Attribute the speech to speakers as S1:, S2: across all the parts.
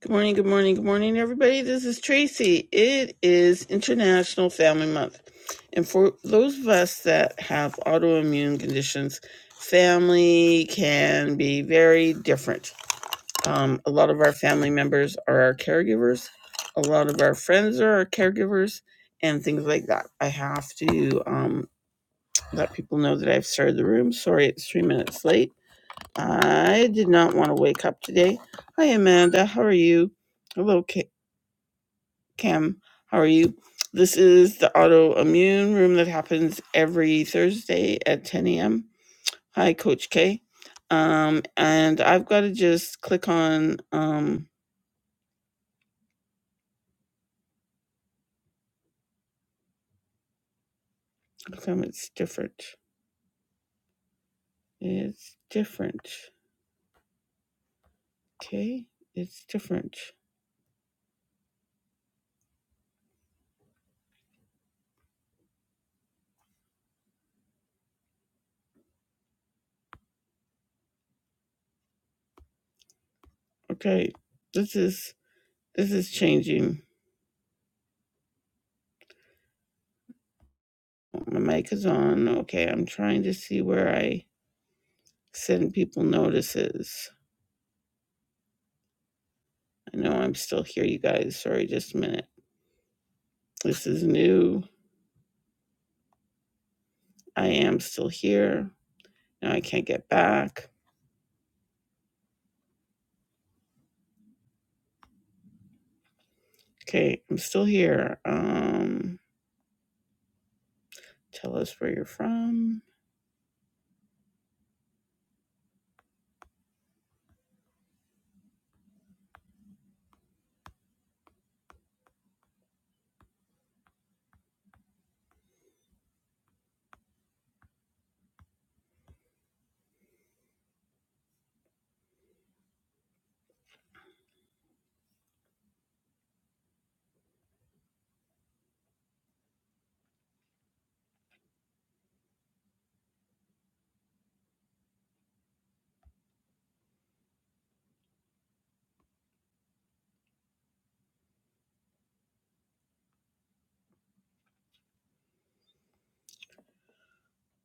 S1: Good morning, good morning, good morning, everybody. This is Tracy. It is International Family Month. And for those of us that have autoimmune conditions, family can be very different. Um, a lot of our family members are our caregivers, a lot of our friends are our caregivers, and things like that. I have to um, let people know that I've started the room. Sorry, it's three minutes late. I did not want to wake up today. Hi, Amanda. How are you? Hello, Kate. Cam, how are you? This is the autoimmune room that happens every Thursday at 10 a.m. Hi, Coach K. Um, and I've got to just click on, um, how come it's different? It's different. Okay. It's different. Okay. This is, this is changing. My mic is on. Okay. I'm trying to see where I send people notices. I know I'm still here, you guys. Sorry, just a minute. This is new. I am still here. No, I can't get back. Okay, I'm still here. Um, tell us where you're from.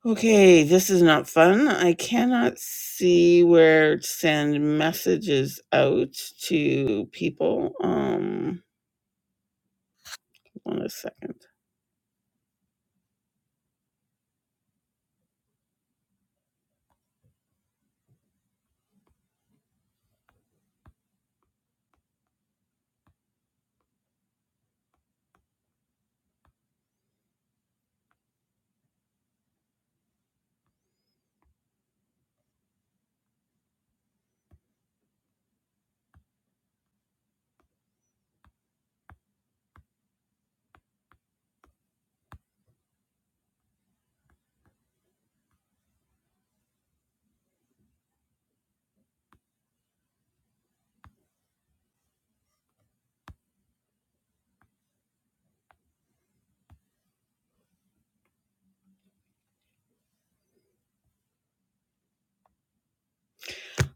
S1: Okay, this is not fun. I cannot see where to send messages out to people. Um, one second.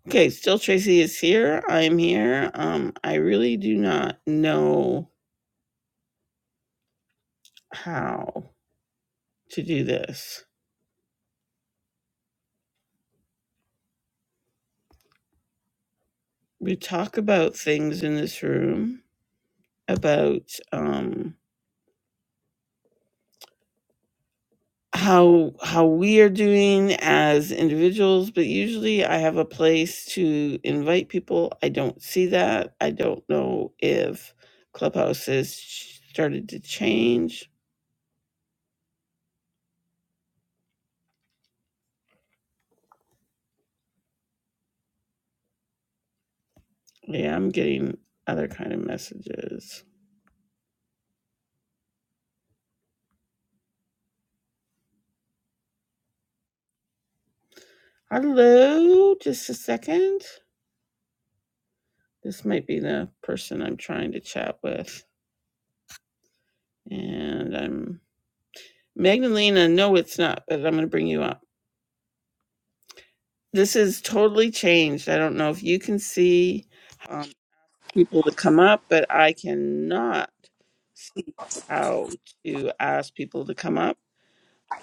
S1: Okay, still Tracy is here. I'm here. Um, I really do not know how to do this. We talk about things in this room about um how how we are doing as individuals, but usually I have a place to invite people. I don't see that. I don't know if Clubhouse has started to change. Yeah, I'm getting other kind of messages. Hello, just a second. This might be the person I'm trying to chat with. And I'm Magdalena. No, it's not, but I'm going to bring you up. This is totally changed. I don't know if you can see um, people to come up, but I cannot see how to ask people to come up.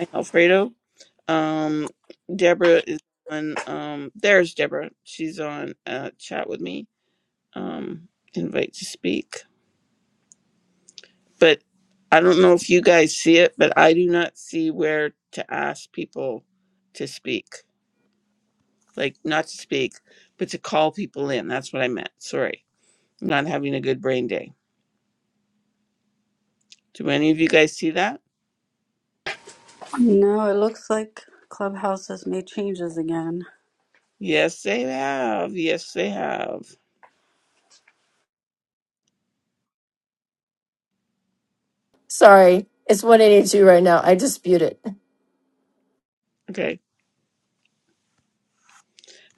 S1: Hi, Alfredo. Um, Deborah is on. Um, there's Deborah. She's on uh, chat with me. Um, invite to speak. but I don't know if you guys see it, but I do not see where to ask people to speak. Like, not to speak, but to call people in. That's what I meant. Sorry. I'm not having a good brain day. Do any of you guys see that?
S2: No, it looks like Clubhouse has made changes again.
S1: Yes, they have. Yes, they have.
S3: Sorry, it's 182 right now. I dispute it.
S1: Okay.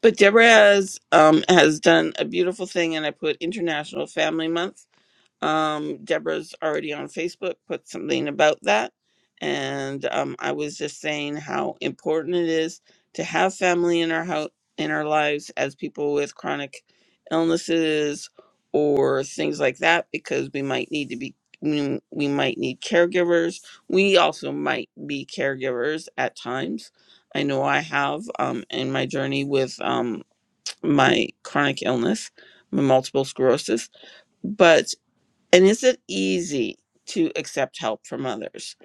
S1: But Deborah has, um, has done a beautiful thing, and I put International Family Month Um, Deborah's already on Facebook, put something about that. And um, I was just saying how important it is to have family in our house, in our lives as people with chronic illnesses or things like that, because we might need to be we we might need caregivers. We also might be caregivers at times. I know I have um, in my journey with um, my chronic illness, my multiple sclerosis. But and is it easy to accept help from others?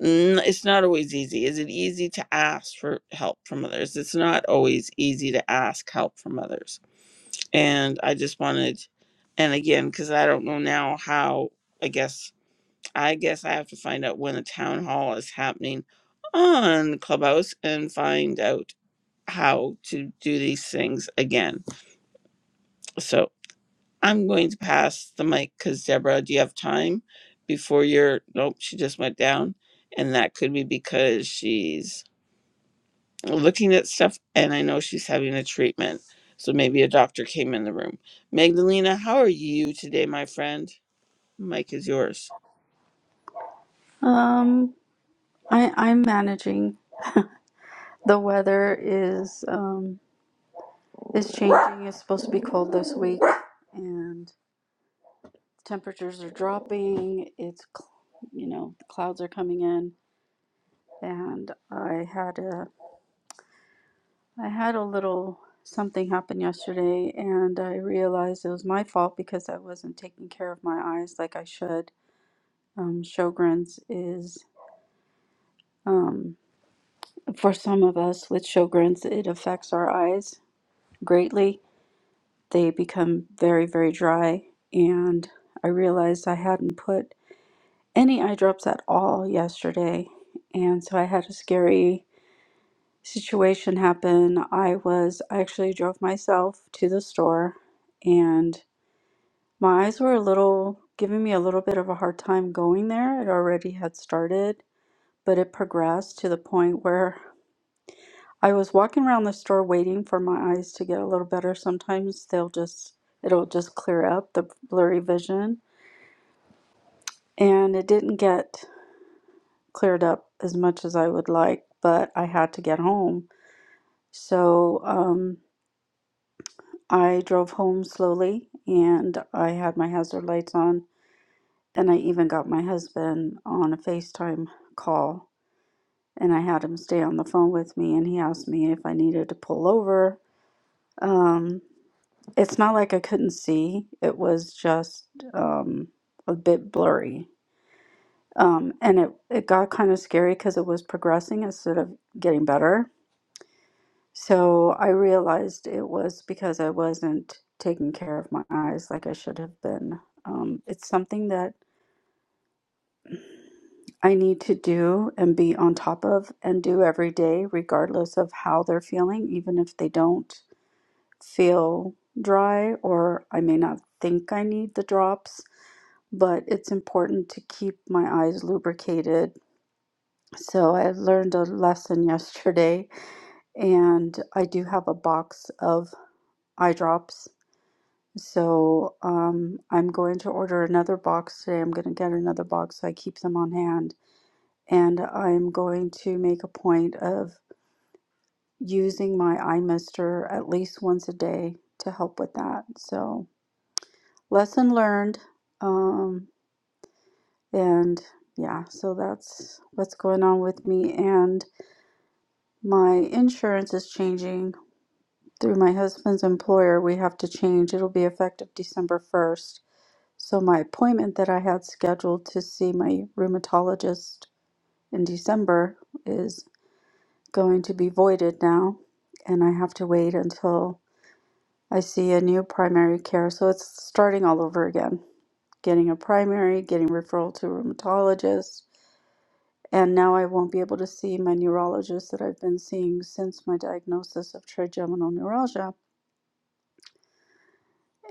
S1: N- It's not always easy. Is it easy to ask for help from others? It's not always easy to ask help from others. And I just wanted, and again, because I don't know now how, I guess, I guess I have to find out when a town hall is happening on Clubhouse and find out how to do these things again. So. I'm going to pass the mic because Deborah, do you have time before your nope, she just went down. And that could be because she's looking at stuff and I know she's having a treatment. So maybe a doctor came in the room. Magdalena, how are you today, my friend? Mike is yours.
S2: Um, I I'm managing. The weather is um is changing. It's supposed to be cold this week, and temperatures are dropping. It's cl- you know the clouds are coming in, and I had a I had a little something happen yesterday, and I realized it was my fault because I wasn't taking care of my eyes like I should. Um, Sjogren's is. um, For some of us with Sjogren's, it affects our eyes greatly. They become very, very dry. And I realized I hadn't put any eye drops at all yesterday. And so I had a scary situation happen. I was, I actually drove myself to the store and my eyes were a little, giving me a little bit of a hard time going there. It already had started, but it progressed to the point where I was walking around the store waiting for my eyes to get a little better. Sometimes they'll just, it'll just clear up the blurry vision. And it didn't get cleared up as much as I would like, but I had to get home. So um, I drove home slowly and I had my hazard lights on. And I even got my husband on a FaceTime call. And I had him stay on the phone with me and he asked me if I needed to pull over. Um, It's not like I couldn't see. It was just um, a bit blurry. Um, and it, it got kind of scary because it was progressing instead of getting better. So I realized it was because I wasn't taking care of my eyes like I should have been. Um, it's something that I need to do and be on top of and do every day, regardless of how they're feeling, even if they don't feel dry or I may not think I need the drops but it's important to keep my eyes lubricated. So I learned a lesson yesterday, and I do have a box of eye drops. So um, I'm going to order another box today. I'm going to get another box so I keep them on hand. And I'm going to make a point of using my eye mister at least once a day to help with that. So, lesson learned. Um, And yeah, so that's what's going on with me. And my insurance is changing through my husband's employer. We have to change. It'll be effective December 1st. So my appointment that I had scheduled to see my rheumatologist in December is going to be voided now. And I have to wait until I see a new primary care. So it's starting all over again. Getting a primary, getting referral to a rheumatologist, And now I won't be able to see my neurologist that I've been seeing since my diagnosis of trigeminal neuralgia.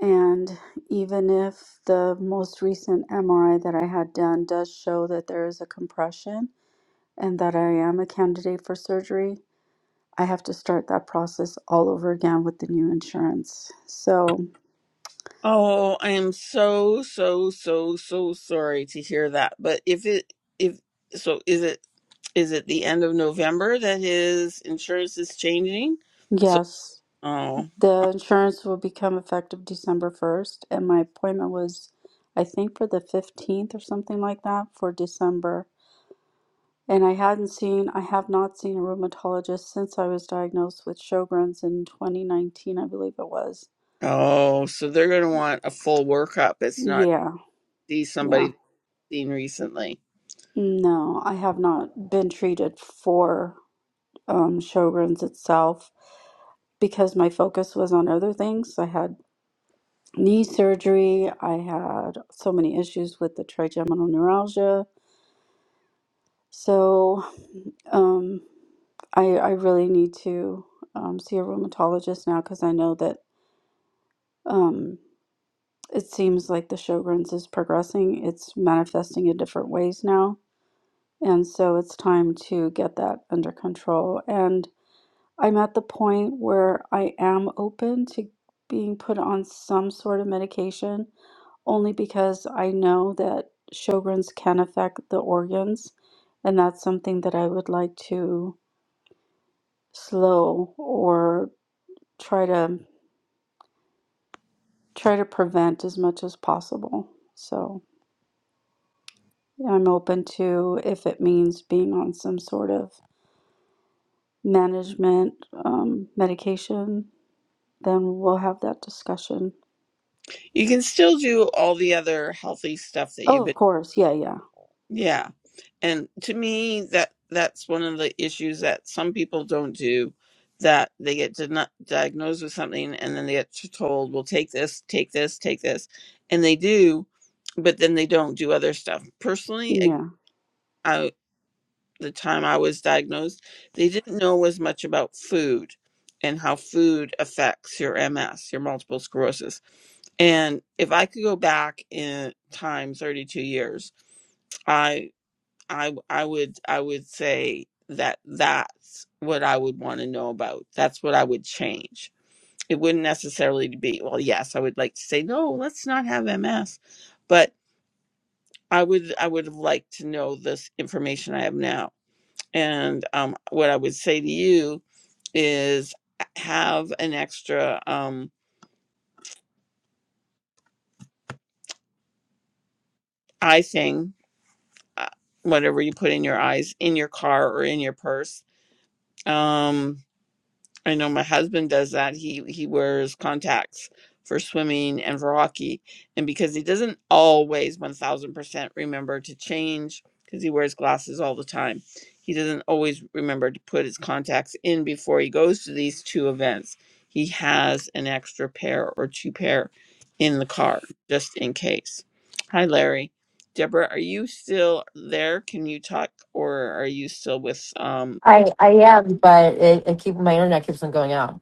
S2: And even if the most recent MRI that I had done does show that there is a compression and that I am a candidate for surgery, I have to start that process all over again with the new insurance. So,
S1: Oh, I am so, so, so, so sorry to hear that. But if it if so is it is it the end of November that his insurance is changing? So
S2: yes,
S1: oh.
S2: the insurance will become effective December 1st. And my appointment was, I think, for the 15th or something like that for December And I hadn't seen, I have not seen a rheumatologist since I was diagnosed with Sjogren's in 2019, I believe it was.
S1: Oh, so they're going to want a full workup. It's not
S2: Yeah,
S1: see somebody
S2: yeah.
S1: they've seen recently.
S2: No, I have not been treated for um, Sjogren's itself because my focus was on other things. I had knee surgery, I had so many issues with the trigeminal neuralgia. So um, I, I really need to um, see a rheumatologist now because I know that. um, it seems like the Sjogren's is progressing. It's manifesting in different ways now. And so it's time to get that under control. And I'm at the point where I am open to being put on some sort of medication only because I know that Sjogren's can affect the organs. And that's something that I would like to slow or try to try to prevent as much as possible. So Yeah, I'm open to if it means being on some sort of management um, medication, then we'll have that discussion.
S1: You can still do all the other healthy stuff that you've
S2: Oh, of
S1: been.
S2: course. Yeah, yeah,
S1: Yeah, and to me, that that's one of the issues that some people don't do. That they get di- not diagnosed with something and then they get t- told, "Well, take this, take this, take this," and they do, but then they don't do other stuff. Personally,
S2: yeah.
S1: the time I was diagnosed, they didn't know as much about food and how food affects your MS, your multiple sclerosis. And if I could go back in time 32 years, I I I would I would say that that's what I would want to know about. That's what I would change. It wouldn't necessarily be well, yes, I would like to say no, let's not have MS, but I would I would have liked to know this information I have now and um, what I would say to you is uh, have an extra um, eye thing, uh, whatever you put in your eyes, in your car or in your purse. Um, I know my husband does that. He he wears contacts for swimming and for hockey, and because he doesn't always one thousand percent remember to change, because he wears glasses all the time, he doesn't always remember to put his contacts in before he goes to these two events. He has an extra pair or two pair in the car just in case. Hi, Larry. Deborah, are you still there? Can you talk, or are you still with um?
S3: I I am, but it, it keep my internet keeps on going out.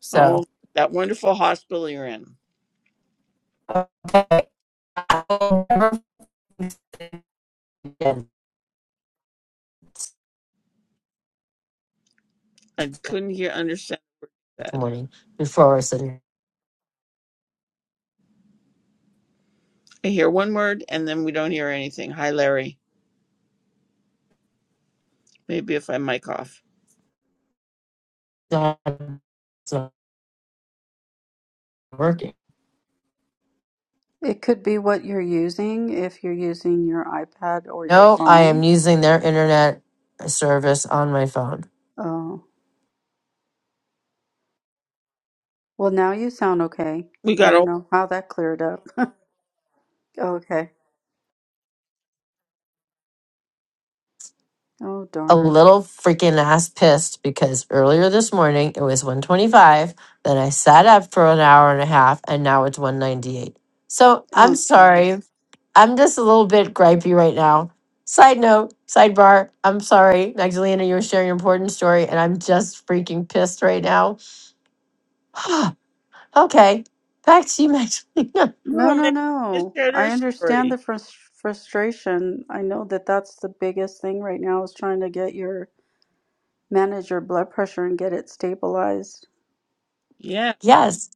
S3: So
S1: Oh, that wonderful hospital you're in.
S3: okay, I'll never forget
S1: I couldn't hear understand
S3: this
S1: that.
S3: morning before I said
S1: I hear one word and then we don't hear anything. Hi, Larry. Maybe if I mic off,
S3: it's not working.
S2: It could be what you're using if you're using your iPad or your
S3: No, I am
S2: phone.
S3: using their internet service on my phone.
S2: Oh, well, now you sound okay.
S1: we
S2: I
S1: got
S2: don't
S1: a
S2: know how that cleared up. Okay. Oh,
S3: a
S2: darn.
S3: little freaking ass pissed because earlier this morning it was 125 then i sat up for an hour and a half and now it's 198 so i'm
S2: Oh, jeez.
S3: sorry i'm just a little bit gripey right now side note sidebar i'm sorry magdalena you were sharing an important story and i'm just freaking pissed right now okay back to you magdalena
S2: No,
S1: no.
S2: no,
S1: Maybe we just
S2: no.
S1: shared her
S2: I understand
S1: story.
S2: the frus- frustration. I know that that's the biggest thing right now is trying to get your manage your blood pressure and get it stabilized.
S1: Yeah.
S3: yes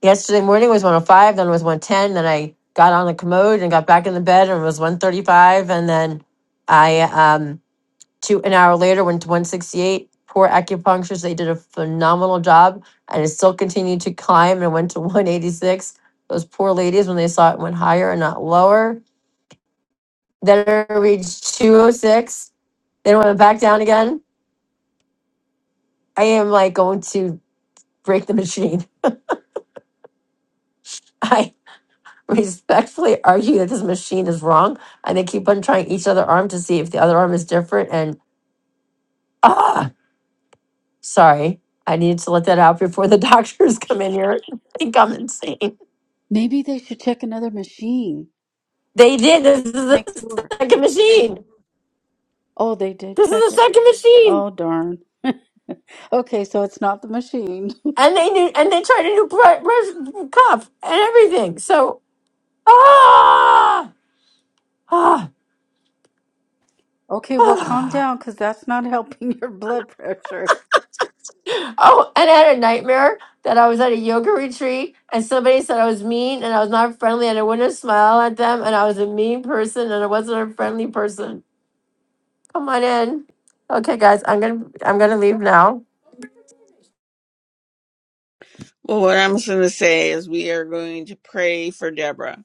S3: Yesterday morning was 105, then was 110, then I got on the commode and got back in the bed and it was 135, and then I um two an hour later went to 168. Poor acupuncturists, they did a phenomenal job, and it still continued to climb and went to 186. Those poor ladies, when they saw it went higher and not lower, then it reached 206. Then it went back down again. I am like going to break the machine. I. respectfully argue that this machine is wrong and they keep on trying each other arm to see if the other arm is different and ah sorry i needed to let that out before the doctors come in here and think i'm insane
S2: Maybe they should check another machine
S3: they did this is
S2: just to make
S3: the
S2: sure.
S3: second machine
S2: Oh, they did
S3: this
S2: check
S3: is the
S2: it.
S3: second machine
S2: Oh, darn. Okay, so it's not the machine.
S3: and they knew and they tried a new bre- bre- cuff and everything so ah ah,
S2: Okay, well, calm
S3: ah.
S2: down because that's not helping your blood pressure.
S3: Oh, and I had a nightmare that I was at a yoga retreat and somebody said I was mean and I was not friendly and I wouldn't smile at them and I was a mean person and I wasn't a friendly person. Come on in. Okay, guys, I'm gonna I'm gonna leave now.
S1: Well, what I'm going to say is we are going to pray for Deborah.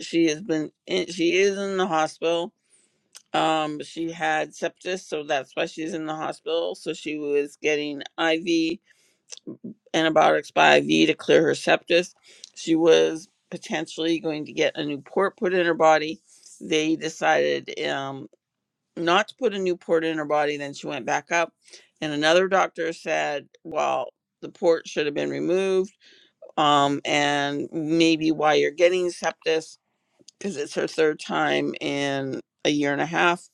S1: She has been in, she is in the hospital. Um, she had sepsis, so that's why she's in the hospital. So she was getting IV antibiotics by IV to clear her septus. She was potentially going to get a new port put in her body. They decided um, not to put a new port in her body. Then she went back up, and another doctor said, "Well, the port should have been removed, um, and maybe why you're getting sepsis because it's her third time in a year and a half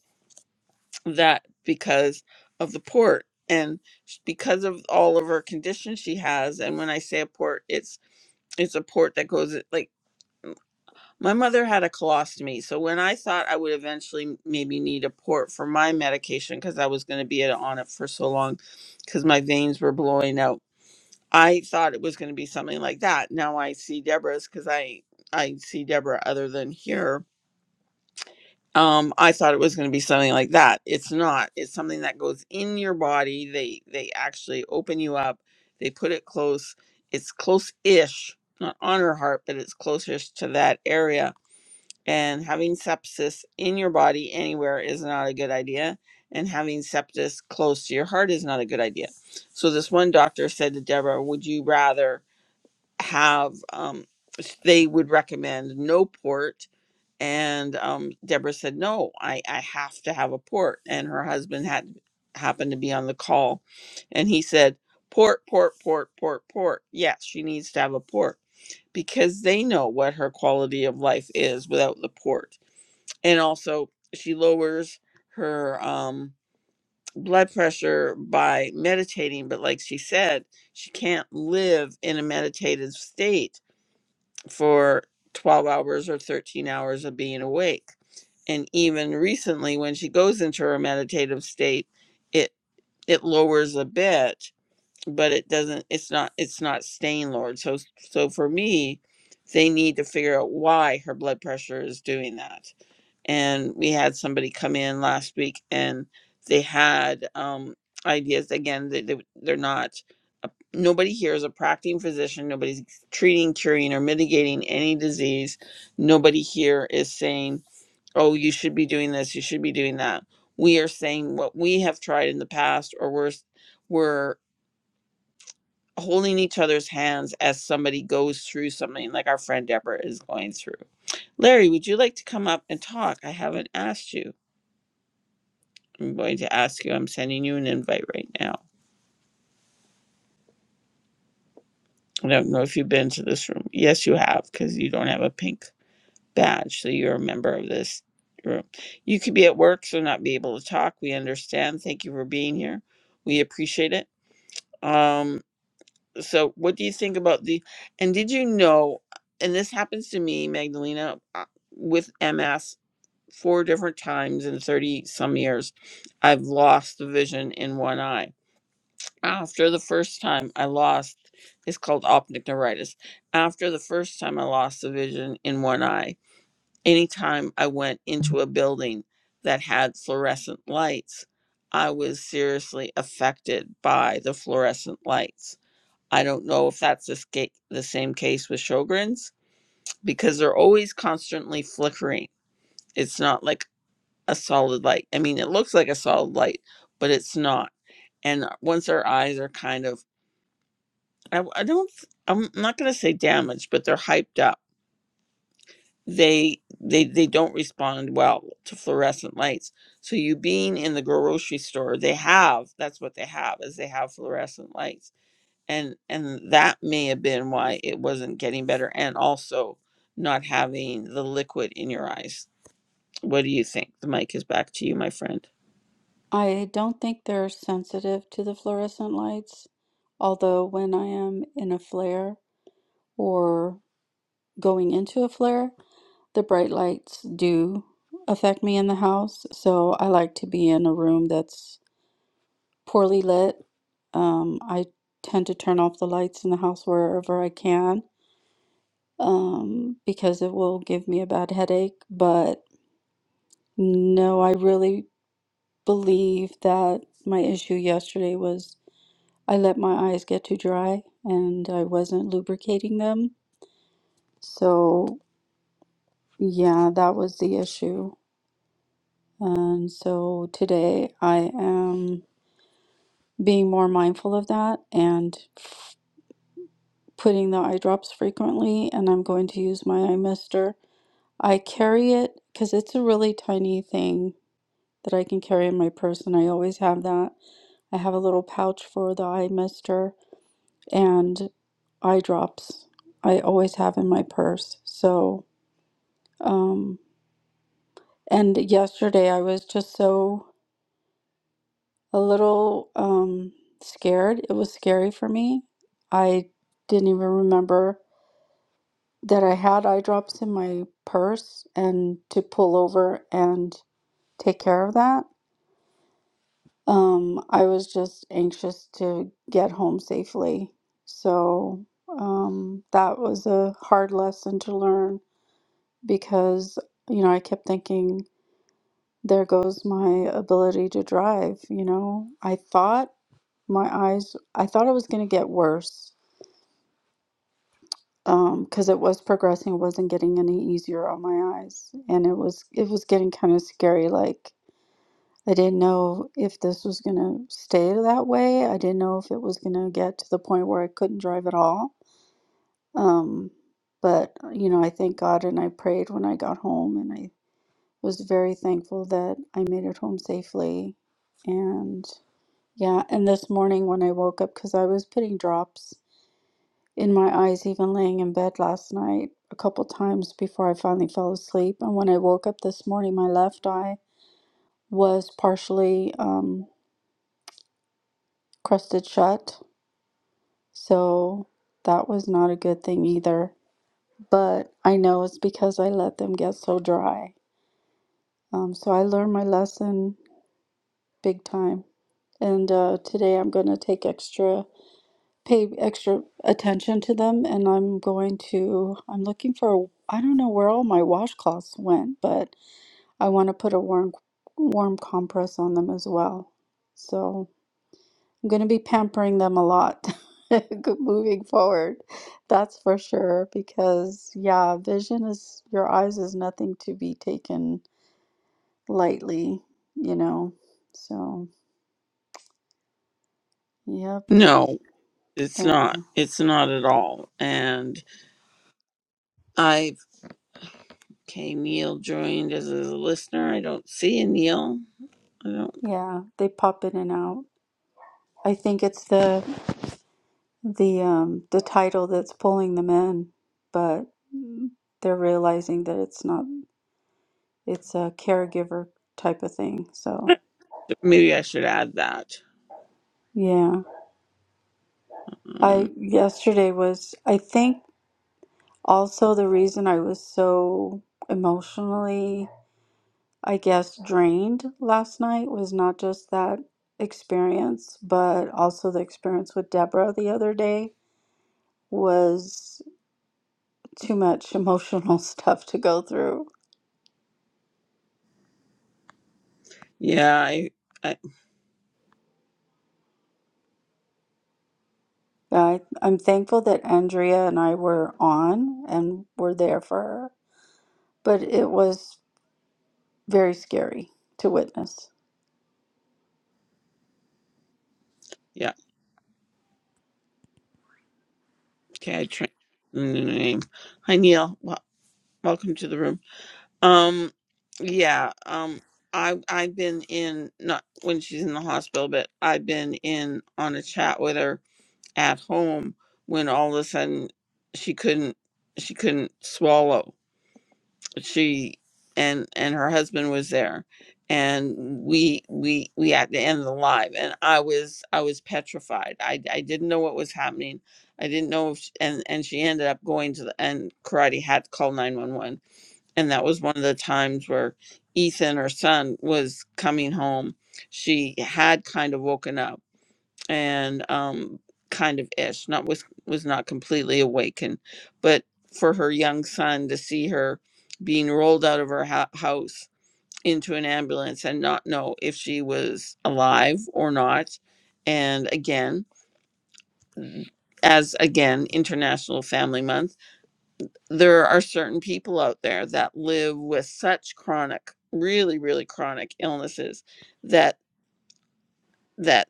S1: that because of the port." And sh- because of all of her conditions she has and when i say a port it's it's a port that goes like my mother had a colostomy, so when I thought I would eventually maybe need a port for my medication because I was going to be at- on it for so long because my veins were blowing out, I thought it was going to be something like that. Now I see Deborah's because I I see Deborah other than here, um i thought it was going to be something like that it's not it's something that goes in your body they they actually open you up they put it close it's close-ish not on her heart but it's closest to that area and having sepsis in your body anywhere is not a good idea and having sepsis close to your heart is not a good idea so this one doctor said to deborah would you rather have um they would recommend no port and um, Deborah said, "No, I I have to have a port." And her husband had happened to be on the call, and he said, "Port, port, port, port, port. Yes, she needs to have a port because they know what her quality of life is without the port, and also she lowers her um." blood pressure by meditating but like she said she can't live in a meditative state for 12 hours or 13 hours of being awake and even recently when she goes into her meditative state it it lowers a bit but it doesn't it's not it's not staying lowered so so for me they need to figure out why her blood pressure is doing that and we had somebody come in last week and they had um ideas again they, they, they're not a, nobody here is a practicing physician nobody's treating curing or mitigating any disease nobody here is saying oh, you should be doing this, you should be doing that. We are saying what we have tried in the past, or we're we're holding each other's hands as somebody goes through something like our friend Deborah is going through. Larry, would you like to come up and talk? I haven't asked you. I'm going to ask you. I'm sending you an invite right now. I don't know if you've been to this room. Yes, you have, because you don't have a pink badge, so you're a member of this room. You could be at work, so not be able to talk. We understand. Thank you for being here. We appreciate it. Um, so what do you think about the and did you know and this happens to me, Magdalena, uh, with MS four different times in 30 some years, I've lost the vision in one eye. After the first time I lost it's called optic neuritis. After the first time I lost the vision in one eye, anytime I went into a building that had fluorescent lights, I was seriously affected by the fluorescent lights I don't know if that's the, sca- the same case with Sjogren's because they're always constantly flickering. It's not like a solid light. I mean, it looks like a solid light, but it's not. And uh, once our eyes are kind of i do not I, w- I don't, I'm not going to say damaged, but they're hyped up. They, they, they don't respond well to fluorescent lights. So you being in the grocery store, they have, that's what they have is they have fluorescent lights and and that may have been why it wasn't getting better and also not having the liquid in your eyes what do you think the mic is back to you my friend
S2: I don't think they're sensitive to the fluorescent lights, although when I am in a flare or going into a flare, the bright lights do affect me in the house. So I like to be in a room that's poorly lit. Um, I tend to turn off the lights in the house wherever I can um, because it will give me a bad headache. But no, I really believe that my issue yesterday was I let my eyes get too dry and I wasn't lubricating them. So, yeah, that was the issue. And so today I am being more mindful of that and putting the eye drops frequently, and I'm going to use my eye mister. I carry it because it's a really tiny thing that I can carry in my purse, and I always have that. I have a little pouch for the eye mister and eye drops. I always have in my purse. So, um, and yesterday I was just so a little um, scared. It was scary for me. I didn't even remember that I had eye drops in my purse and to pull over and take care of that. Um, I was just anxious to get home safely. So um, that was a hard lesson to learn because, you know, I kept thinking, there goes my ability to drive. You know, I thought my eyes, I thought it was going to get worse um because it was progressing it wasn't getting any easier on my eyes and it was it was getting kind of scary like i didn't know if this was going to stay that way i didn't know if it was going to get to the point where i couldn't drive at all um but uh, you know i thank god and i prayed when i got home and i was very thankful that i made it home safely and yeah and this morning when i woke up because i was putting drops in my eyes even laying in bed last night a couple times before I finally fell asleep. And when I woke up this morning, my left eye was partially um, crusted shut. So that was not a good thing either. But I know it's because I let them get so dry. Um, so I learned my lesson big time. And uh, today I'm going to take extra, pay extra attention to them. And I'm going to, I'm looking for, I don't know where all my washcloths went, but I want to put a warm warm compress on them as well. So I'm going to be pampering them a lot moving forward. That's for sure because yeah, vision is your eyes is nothing to be taken lightly, you know. So, yep.
S1: no it's
S2: And
S1: not it's not at all and i've okay neil joined as a listener i don't see a neil i don't
S2: yeah, they pop in and out. I think it's the the um the title that's pulling them in, but they're realizing that it's not. it's a caregiver type of thing. So,
S1: maybe i should add that
S2: yeah.
S1: um
S2: I yesterday was I think also the reason I was so emotionally, I guess, drained last night was not just that experience, but also the experience with Deborah the other day was too much emotional stuff to go through.
S1: yeah i, I
S2: I, I'm thankful that Andrea and I were on and were there for her, but it was very scary to witness.
S1: yeah okay i trained the name hi neil Wel- welcome to the room Um, yeah. Um, I I've been in not when she's in the hospital, but I've been in on a chat with her at home when all of a sudden she couldn't she couldn't swallow. She and and her husband was there, and we we we had to end the live, and I was I was petrified. I I didn't know what was happening. I didn't know if sh and and she ended up going to the and karate had to call 911 and that was one of the times where Ethan, her son, was coming home. She had kind of woken up and um, kind of ish, not was was not completely awakened, but for her young son to see her being rolled out of her ho- house into an ambulance and not know if she was alive or not, and again, as again International Family Month there are certain people out there that live with such chronic really really chronic illnesses that that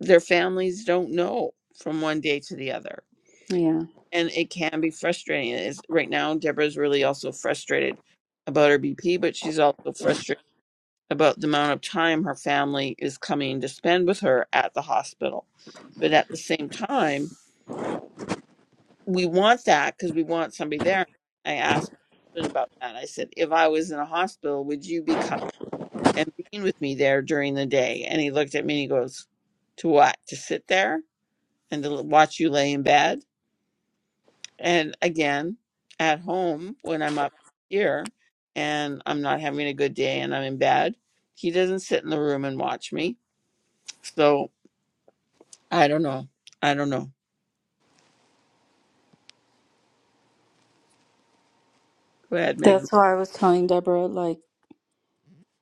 S1: their families don't know from one day to the other
S2: Yeah.
S1: and it can be frustrating it is right now deborah's really also frustrated about her bp but she's also frustrated about the amount of time her family is coming to spend with her at the hospital but at the same time we want that because we want somebody there. I asked my husband about that. I said, if I was in a hospital, would you be coming and being with me there during the day? And he looked at me and he goes, to what? To sit there and to l- watch you lay in bed? And again, at home when I'm up here and I'm not having a good day and I'm in bed, he doesn't sit in the room and watch me. So I don't know. I don't know. Go ahead, Megan.
S2: That's why I was telling Deborah, like,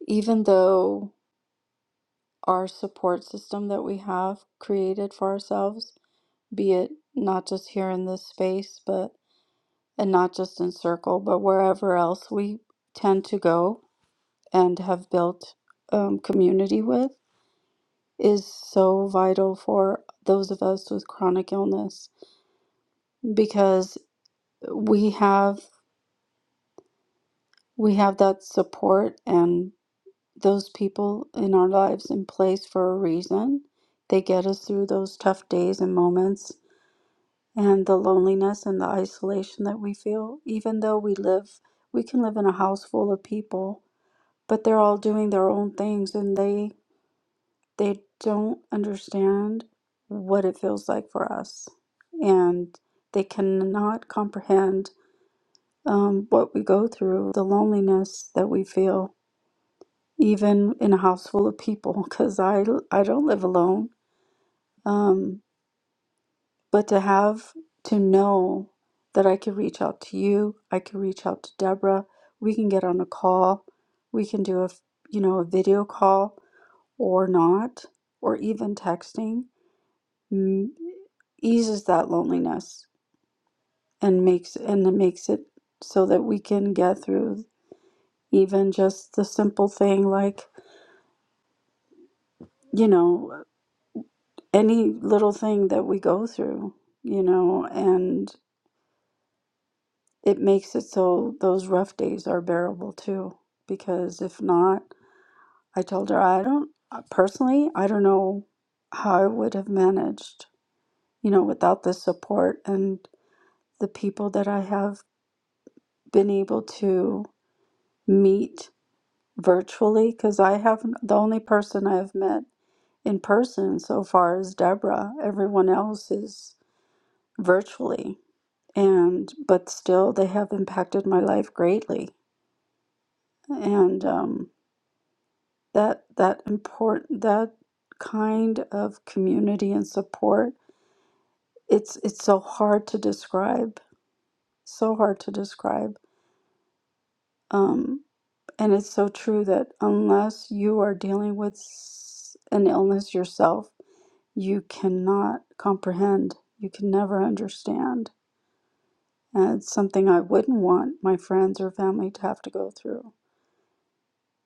S2: even though our support system that we have created for ourselves, be it not just here in this space, but and not just in circle, but wherever else we tend to go and have built um, community with, is so vital for those of us with chronic illness because we have we have that support and. those people in our lives in place for a reason. They get us through those tough days and moments and the loneliness and the isolation that we feel, even though we live, we can live in a house full of people, but they're all doing their own things and they they don't understand what it feels like for us. And they cannot comprehend um, what we go through, the loneliness that we feel even in a house full of people, because I, I don't live alone. Um, but to have, to know that I can reach out to you, I can reach out to Deborah, we can get on a call, we can do a, f- you know, a video call or not, or even texting, mm, eases that loneliness and makes, and it makes it so that we can get through even just the simple thing like, you know. any little thing that we go through, you know, and it makes it so those rough days are bearable too. Because if not, I told her, I don't uh, personally, I don't know how I would have managed, you know, without the support and the people that I have been able to meet virtually. Because I haven't, the only person I've met in person so far is Deborah, everyone else is virtually and but still they have impacted my life greatly and um, that that important that kind of community and support it's it's so hard to describe so hard to describe um, and it's so true that unless you are dealing with s- an illness yourself you cannot comprehend you can never understand and it's something i wouldn't want my friends or family to have to go through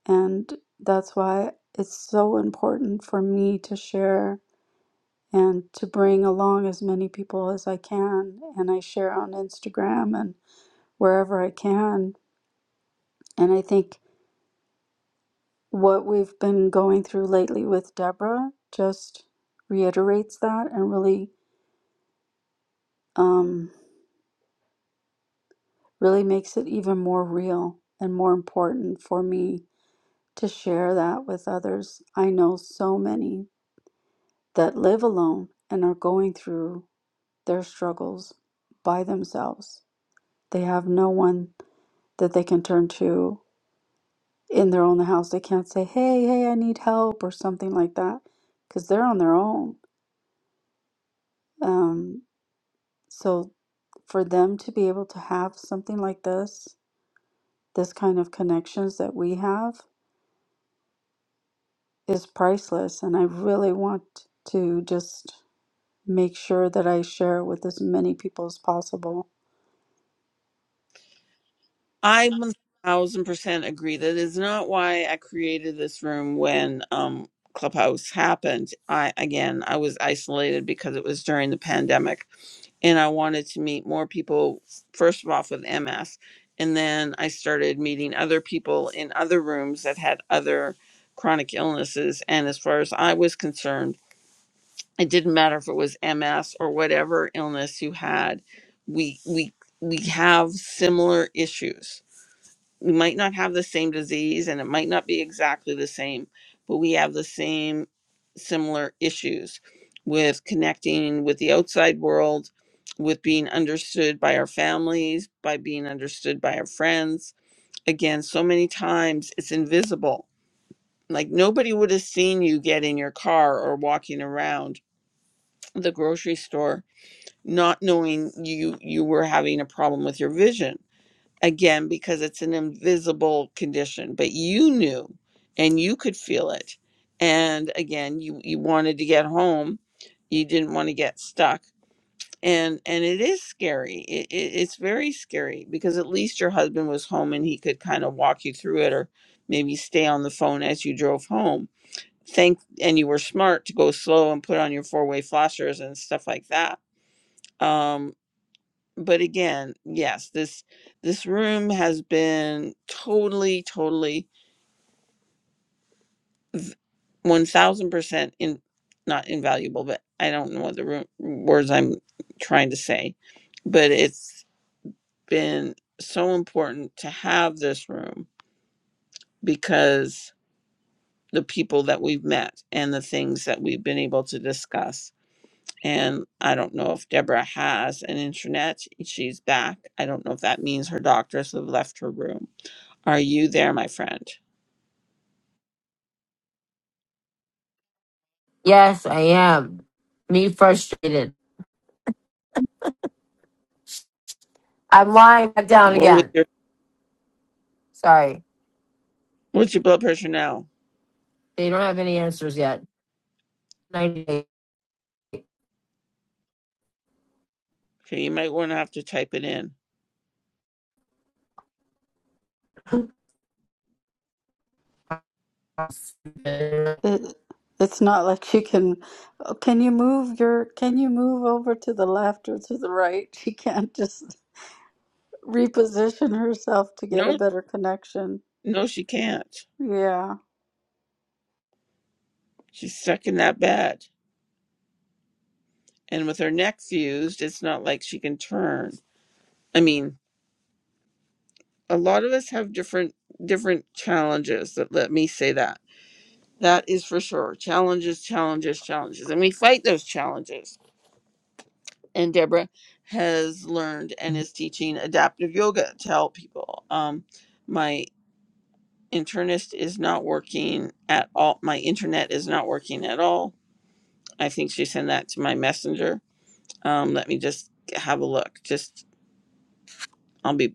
S2: And that's why it's so important for me to share and to bring along as many people as I can. And I share on Instagram and wherever I can. And I think what we've been going through lately with Deborah just reiterates that and really, um, really makes it even more real and more important for me to share that with others. I know so many that live alone and are going through their struggles by themselves. They have no one that they can turn to in their own house. They can't say, hey, hey, I need help or something like that because they're on their own. Um, so for them to be able to have something like this, this kind of connections that we have is priceless. And I really want to just make sure that I share it with as many people as possible
S1: I one thousand percent agree. That is not why I created this room when um Clubhouse happened. I again I was isolated because it was during the pandemic and I wanted to meet more people first of all with MS and then I started meeting other people in other rooms that had other chronic illnesses and as far as I was concerned, it didn't matter if it was MS or whatever illness you had. We we we have similar issues we might not have the same disease and it might not be exactly the same, but we have the same similar issues with connecting with the outside world, with being understood by our families, by being understood by our friends. Again, so many times it's invisible. Like nobody would have seen you get in your car or walking around the grocery store not knowing you you were having a problem with your vision again because it's an invisible condition but you knew and you could feel it and again you you wanted to get home you didn't want to get stuck and and it is scary it, it, it's very scary because at least your husband was home and he could kind of walk you through it or maybe stay on the phone as you drove home think and you were smart to go slow and put on your four-way flashers and stuff like that Um, but again, yes, this this room has been totally, totally, one thousand percent in not invaluable, but I don't know what the room, words I'm trying to say, but it's been so important to have this room because the people that we've met and the things that we've been able to discuss. And I don't know if Deborah has an internet. She's back. I don't know if that means her doctors have left her room. Are you there, my friend?
S3: Yes, I am. Me frustrated. I'm lying back down
S1: What was
S3: again.
S1: your
S3: Sorry.
S1: what's your blood pressure now?
S3: They don't have any answers yet. 98.
S1: Okay, you might want to have to type it in.
S2: It, it's not like you can, oh, can you move your, can you move over to the left or to the right? She can't just reposition herself to get a
S1: No,
S2: better connection.
S1: no, she can't.
S2: Yeah.
S1: She's stuck in that bed, and with her neck fused, it's not like she can turn. I mean, a lot of us have different different challenges. That let me say that that is for sure. Challenges, challenges, challenges, and we fight those challenges. And Deborah has learned and is teaching adaptive yoga to help people. Um, my. internist is not working at all. My internet is not working at all. I think she sent that to my messenger. Um, let me just have a look. Just, I'll be,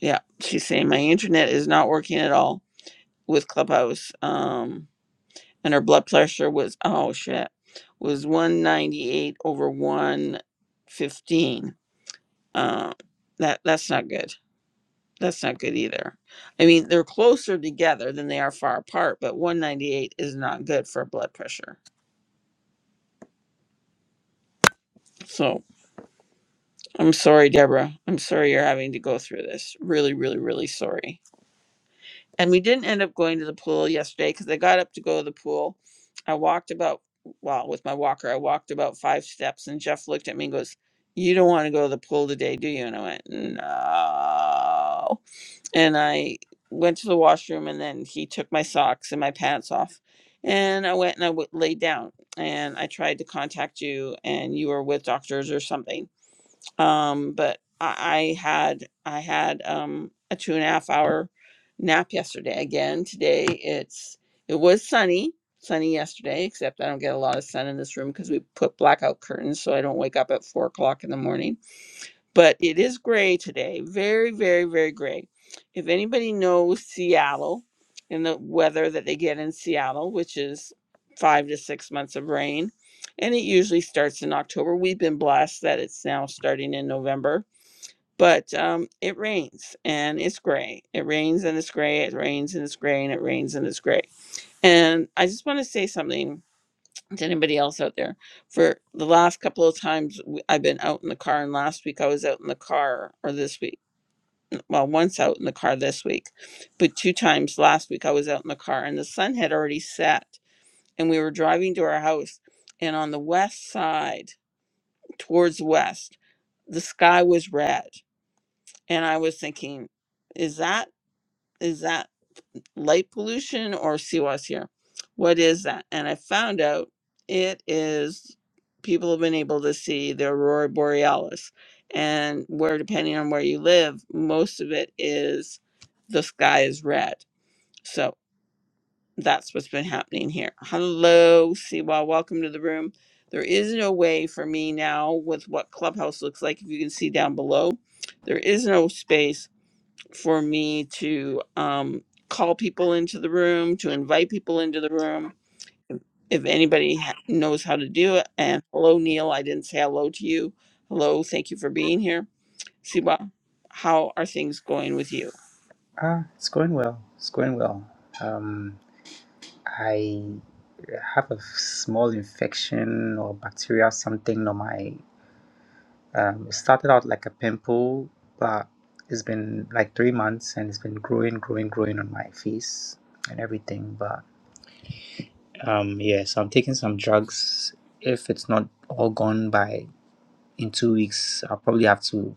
S1: yeah. She's saying my internet is not working at all with Clubhouse. Um, and her blood pressure was, oh shit, was 198 over 115. Um, that, that's not good. That's not good either. I mean, they're closer together than they are far apart, but 198 is not good for blood pressure. So I'm sorry, Deborah. I'm sorry you're having to go through this. Really, really, really sorry. And we didn't end up going to the pool yesterday because I got up to go to the pool. I walked about, well, with my walker, I walked about five steps and Jeff looked at me and goes, You don't want to go to the pool today, do you? And I went, No. And I went to the washroom and then he took my socks and my pants off. And I went and I w- laid down and I tried to contact you and you were with doctors or something um but i, I had i had um a two and a half hour nap yesterday again today it's it was sunny sunny yesterday except i don't get a lot of sun in this room because we put blackout curtains so i don't wake up at four o'clock in the morning but it is gray today. Very, very, very gray. If anybody knows Seattle and the weather that they get in Seattle, which is five to six months of rain, and it usually starts in October. We've been blessed that it's now starting in November, but um, it rains and it's gray. It rains and it's gray. It rains and it's gray and it rains and it's gray. And I just want to say something to anybody else out there for the last couple of times w- I've been out in the car and last week I was out in the car or this week well once out in the car this week but two times last week I was out in the car and the sun had already set and we were driving to our house and on the west side towards west the sky was red and I was thinking is that is that light pollution or CWAS here. What is that? And I found out it is people have been able to see the aurora borealis and where depending on where you live most of it is the sky is red so that's what's been happening here hello siwa welcome to the room there is no way for me now with what clubhouse looks like if you can see down below there is no space for me to um, call people into the room, to invite people into the room. If anybody ha- knows how to do it, and hello, Neil, I didn't say hello to you. Hello, thank you for being here. Siba, how are things going with you?
S4: Uh, it's going well. It's going well. Um, I have a small infection or bacteria, something on my. Um, it started out like a pimple, but it's been like three months and it's been growing, growing, growing on my face and everything. But um, yeah, so I'm taking some drugs. If it's not all gone by in two weeks, I'll probably have to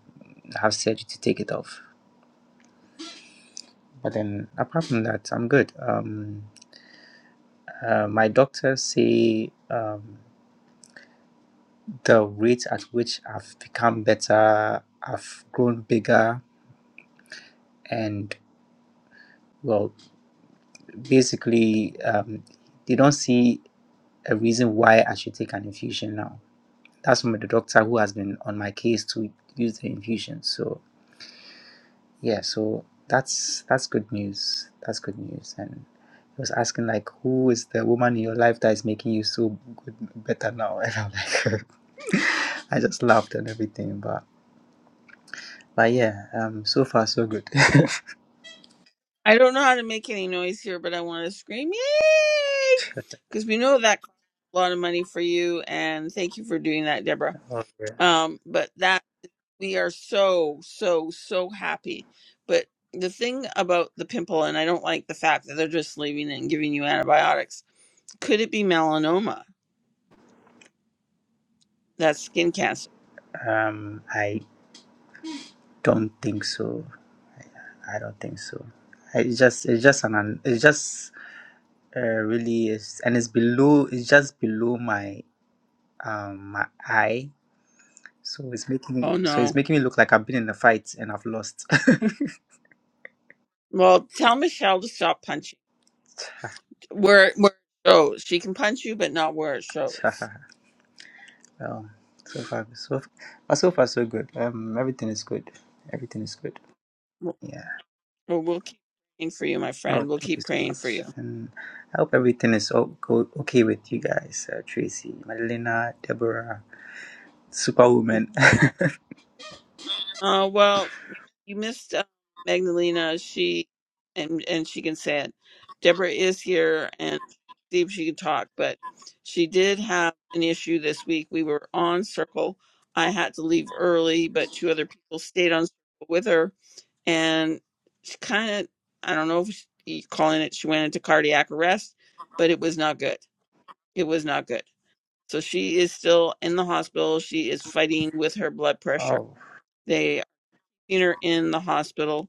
S4: have surgery to take it off. But then apart from that, I'm good. Um, Uh, my doctor say um, the rate at which I've become better, I've grown bigger, and well, basically, um, they don't see a reason why I should take an infusion now. That's from the doctor who has been on my case to use the infusion. So yeah, so that's that's good news. That's good news. And he was asking like, who is the woman in your life that is making you so good, better now? And I'm like- I just laughed and everything, but. But yeah, um, so far so good.
S1: I don't know how to make any noise here, but I want to scream, yay! Because we know that costs a lot of money for you, and thank you for doing that, Deborah.
S4: Or,
S1: Um, but that we are so so so happy but the thing about the pimple and i don't like the fact that they're just leaving it and giving you antibiotics could it be melanoma that's skin cancer
S4: um, I don't think so. I don't think so. It's just it's just an an- it's just uh, really is and it's below it's just below my um my eye. So it's making me,
S1: oh
S4: so it's
S1: no
S4: making me look like I've been in a fight and I've lost.
S1: well tell michelle to stop punching where where it shows she can punch you but not where it shows
S4: well, so far so but so far so good. Um, everything is good. Everything is good.
S1: well
S4: Yeah.
S1: we'll keep praying for you my
S4: Oh,
S1: friend we'll
S4: thank you
S1: keep
S4: so
S1: praying for you
S4: much. And I hope everything is o- go- okay with you guys. Uh, Tracy, Madelina, Deborah, Superwoman.
S1: Uh, well, you missed uh, Magdalena. She and and she can say it. Deborah is here and see if she can talk, but she did have an issue this week. We were on Circle. I had to leave early, but two other people stayed on Circle with her, and she kind of I don't know if she, you calling it she went into cardiac arrest, but it was not good. It was not good. So she is still in the hospital. She is fighting with her blood pressure
S4: oh,
S1: seen her in the hospital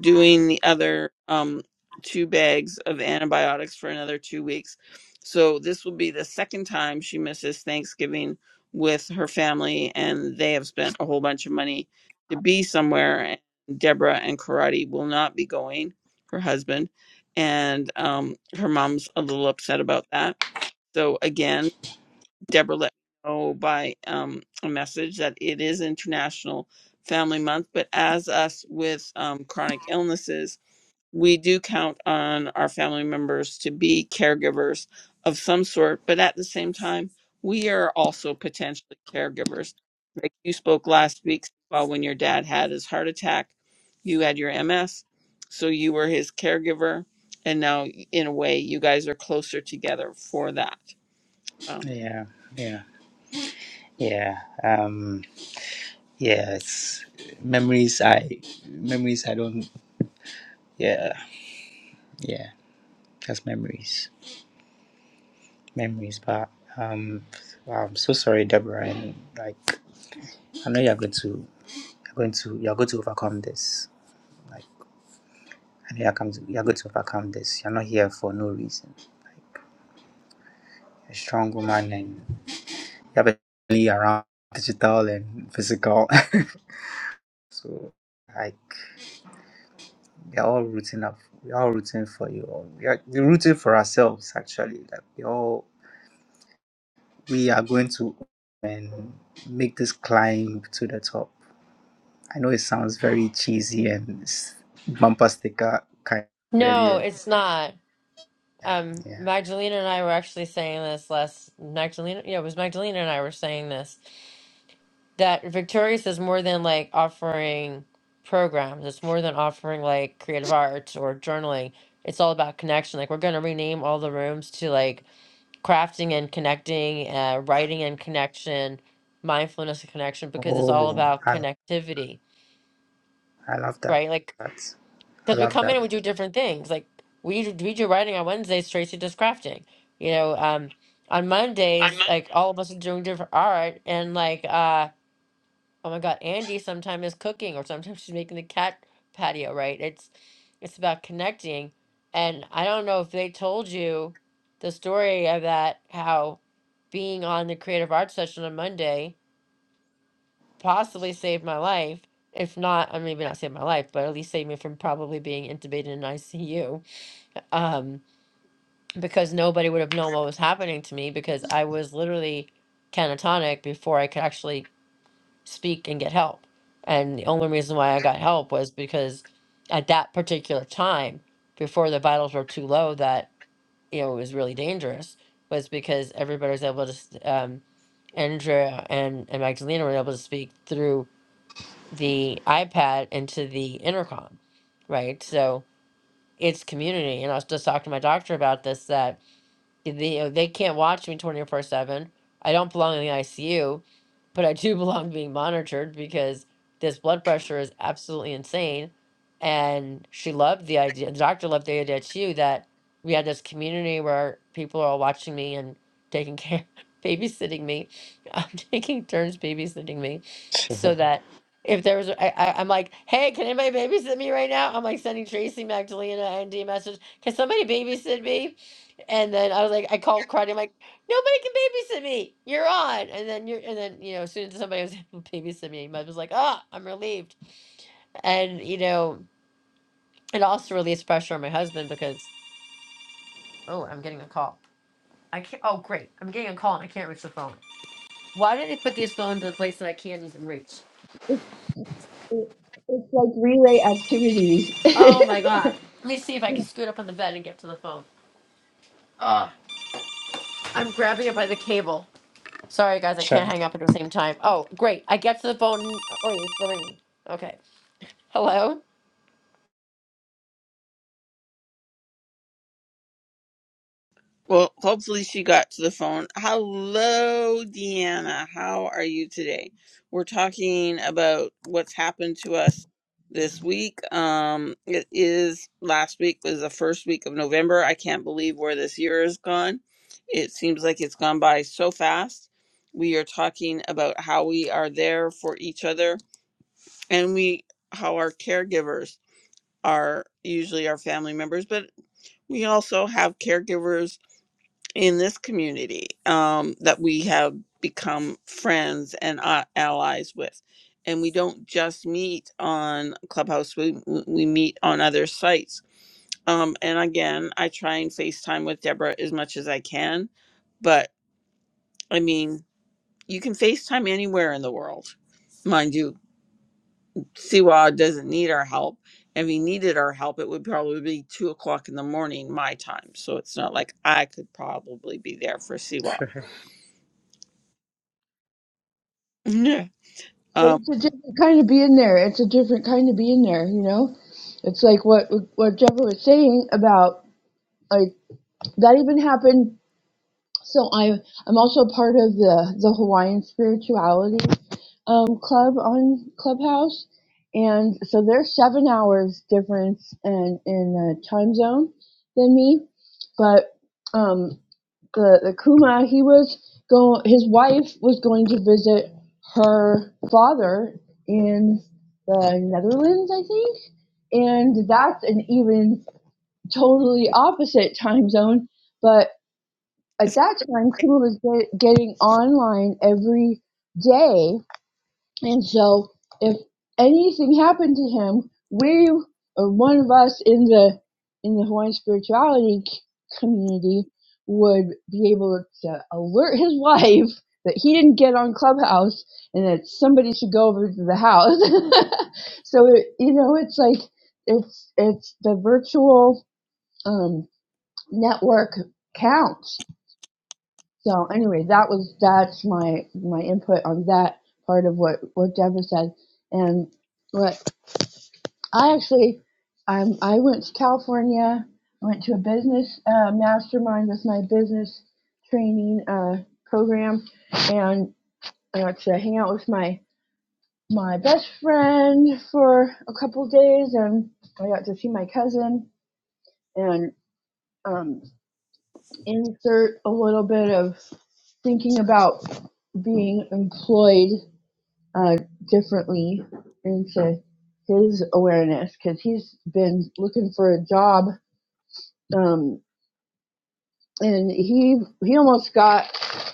S1: doing the other um, two bags of antibiotics for another two weeks. So this will be the second time she misses Thanksgiving with her family, and they have spent a whole bunch of money to be somewhere. And Deborah and Karate will not be going, her husband, and um, her mom's a little upset about that. So again, Deborah let me know by um, a message that it is International Family Month, but as us with um, chronic illnesses, we do count on our family members to be caregivers of some sort, but at the same time, we are also potentially caregivers. Like you spoke last week, well, when your dad had his heart attack, you had your MS, so you were his caregiver, and now in a way, you guys are closer together for that. um,
S4: yeah, yeah, yeah. Um, yeah, it's memories. I memories. I don't. Yeah, yeah. Just memories, memories. But um, wow, I'm so sorry, Deborah. And like, I know you're going to you're going to you're going to overcome this. Like I know you're come to, you're going to overcome this. You're not here for no reason. and strong woman and definitely around digital and physical. so like we're all rooting up we're all rooting for you all. We are we're rooting for ourselves actually. Like we all we are going to and make this climb to the top. I know it sounds very cheesy and s- bumper sticker kind of
S3: No,
S4: idea.
S3: it's not.
S4: Yeah.
S3: Um,
S4: Yeah.
S3: Magdalena and I were actually saying this last Magdalena, yeah, it was Magdalena and I were saying this that Victorious is more than like offering programs. It's more than offering like creative arts or journaling. It's all about connection. Like we're gonna rename all the rooms to like crafting and connecting, uh, writing and connection, mindfulness and connection because it's all
S4: Oh
S3: about
S4: I
S3: connectivity,
S4: I love that.
S3: right? Like
S4: That's I
S3: Because we
S4: love
S3: come in
S4: that.
S3: and we do different things. Like we do- we do writing on Wednesdays. Tracy does crafting. You know, um, on Mondays, like all of us are doing different art, and like, uh, oh my God, Andy sometimes is cooking, or sometimes she's making the cat patio. Right? It's it's about connecting, and I don't know if they told you the story of that how being on the creative arts session on Monday possibly saved my life. If not, I mean, maybe not saved my life, but at least saved me from probably being intubated in ICU um, because nobody would have known what was happening to me because I was literally catatonic before I could actually speak and get help. And the only reason why I got help was because at that particular time, before the vitals were too low, that you know it was really dangerous, was because everybody was able to. s- Um, Andrea and, and Magdalena were able to speak through the iPad into the intercom, right? So it's community. And I was just talking to my doctor about this that They they can't watch me 24 7. I don't belong in the ICU but I do belong being monitored because this blood pressure is absolutely insane. And she loved the idea, the doctor loved the idea too, that we had this community where people are all watching me and taking care, babysitting me, I'm taking turns babysitting me, so that if there was, I, I, I'm like, hey, can anybody babysit me right now? I'm like sending Tracy Magdalena and D a message, can somebody babysit me? And then I was like, I called Cardi nobody can babysit me. You're on. And then you're and then, you know, as soon as somebody was able to babysit me, mom was like, Oh, I'm relieved. And, you know, it also released pressure on my husband because oh, I'm getting a call. I can't oh great. I'm getting a call and I can't reach the phone. Why did they put these phones in a place that I can't even reach?
S5: It, it's like relay activities.
S3: Oh my god. Let me see if I can scoot up on the bed and get to the phone. I'm grabbing it by the cable. Sorry guys, I
S4: Try.
S3: can't hang up at the same time. Oh, great. I get to the phone. Oh, it's the ringing. Okay. Hello?
S1: Well, hopefully she got to the phone. Hello, Deanna. How are you today? We're talking about what's happened to us this week. Um, it is last week was the first week of November. I can't believe where this year has gone. It seems like it's gone by so fast. We are talking about how we are there for each other and we how our caregivers are usually our family members, but we also have caregivers in this community um, that we have become friends and a- allies with. And we don't just meet on Clubhouse, we, we we meet on other sites. Um, and again, I try and FaceTime with Deborah as much as I can. But I mean, you can FaceTime anywhere in the world. Mind you, Siwa doesn't need our help. If he needed our help, it would probably be two o'clock in the morning, my time. So it's not like I could probably be there for Siwa.
S5: But
S1: Um,
S5: it's a different kind of being there. It's a different kind of being there, you know? It's like what what Jeffrey was saying about like that even happened So I'm I'm also part of the the Hawaiian Spirituality um, Club on Clubhouse, and so they're seven hours difference in in the time zone than me, but um, the the Kuma he was go his wife was going to visit her father in the Netherlands I think, and that's an even totally opposite time zone, but at that time crew was get, getting online every day and so if anything happened to him we or one of us in the in the hawaiian spirituality community would be able to alert his wife that he didn't get on clubhouse and that somebody should go over to the house so it, you know it's like it's it's the virtual um network counts so anyway, that was that's my my input on that part of what what Deborah said, and what I actually um, I went to California, I went to a business uh, mastermind with my business training uh, program, and I got to hang out with my my best friend for a couple days, and I got to see my cousin, and um, insert a little bit of thinking about being employed uh, differently into his awareness because he's been looking for a job um, and he he almost got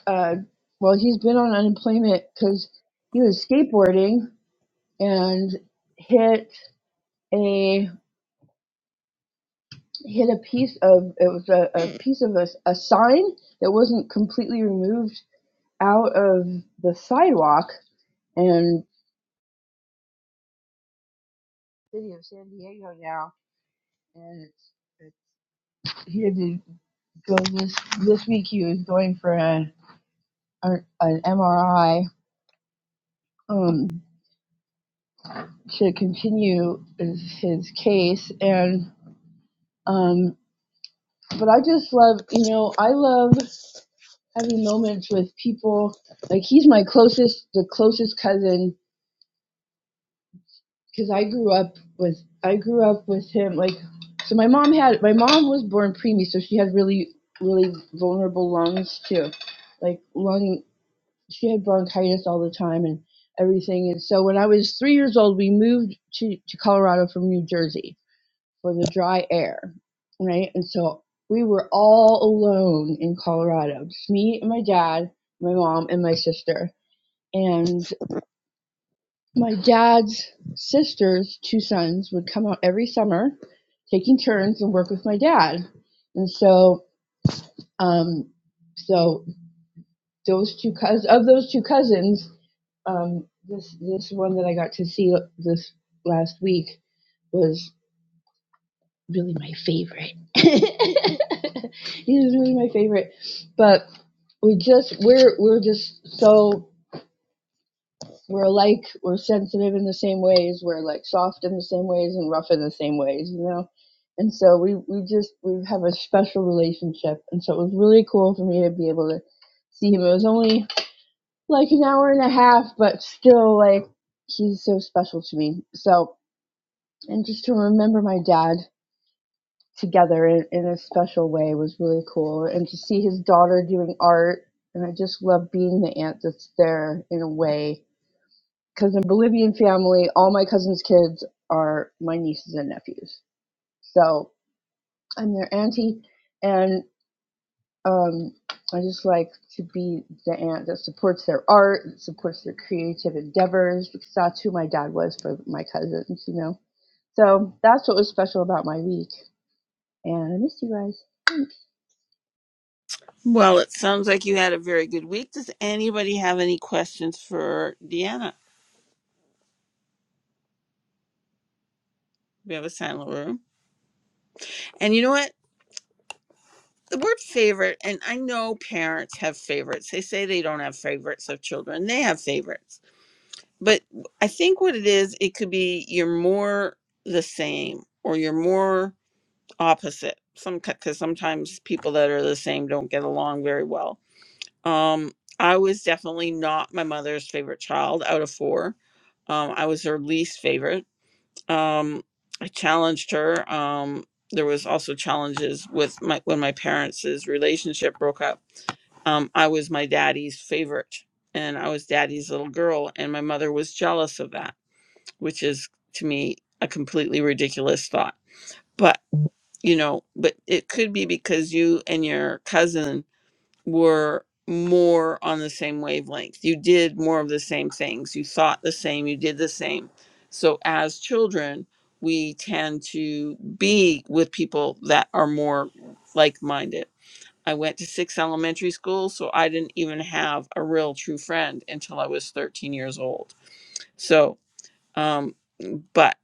S5: uh, well he's been on unemployment because he was skateboarding and hit a hit a piece of it was a, a piece of a, a sign that wasn't completely removed out of the sidewalk and city of San Diego now. And it's, it's, he had to go this this week. He was going for a, a, an MRI um, to continue his, his case. And um, but I just love you know I love having moments with people. Like he's my closest the closest cousin because I grew up with I grew up with him like so my mom had my mom was born preemie so she had really really vulnerable lungs too like lung she had bronchitis all the time and everything and so when I was three years old we moved to to Colorado from New Jersey for the dry air right and so we were all alone in Colorado just me and my dad my mom and my sister and. My dad's sister's two sons would come out every summer, taking turns and work with my dad. And so, um, so those two cousins of those two cousins, um, this this one that I got to see this last week was really my favorite. he was really my favorite, but we just we're we're just so We're alike. We're sensitive in the same ways. We're like soft in the same ways and rough in the same ways, you know. And so we we just we have a special relationship. And so it was really cool for me to be able to see him. It was only like an hour and a half, but still like he's so special to me. So and just to remember my dad together in, in a special way was really cool. And to see his daughter doing art and I just love being the aunt that's there in a way because in Bolivian family, all my cousins' kids are my nieces and nephews. So I'm their auntie, and um, I just like to be the aunt that supports their art, that supports their creative endeavors, because that's who my dad was for my cousins, you know. So that's what was special about my week, and I miss you guys.
S1: well, it sounds like you had a very good week. Does anybody have any questions for Deanna? We have a silent room. And you know what? The word favorite, and I know parents have favorites. They say they don't have favorites of children, they have favorites. But I think what it is, it could be you're more the same or you're more opposite. Some because sometimes people that are the same don't get along very well Um, I was definitely not my mother's favorite child out of four. Um, I was her least favorite. Um, I challenged her. Um, there was also challenges with my when my parents' relationship broke up. Um, I was my daddy's favorite, and I was daddy's little girl, and my mother was jealous of that, which is to me a completely ridiculous thought. But you know, but it could be because you and your cousin were more on the same wavelength. You did more of the same things. You thought the same. You did the same. So as children, we tend to be with people that are more like minded. I went to six elementary schools, so I didn't even have a real true friend until I was 13 years old. So, um, but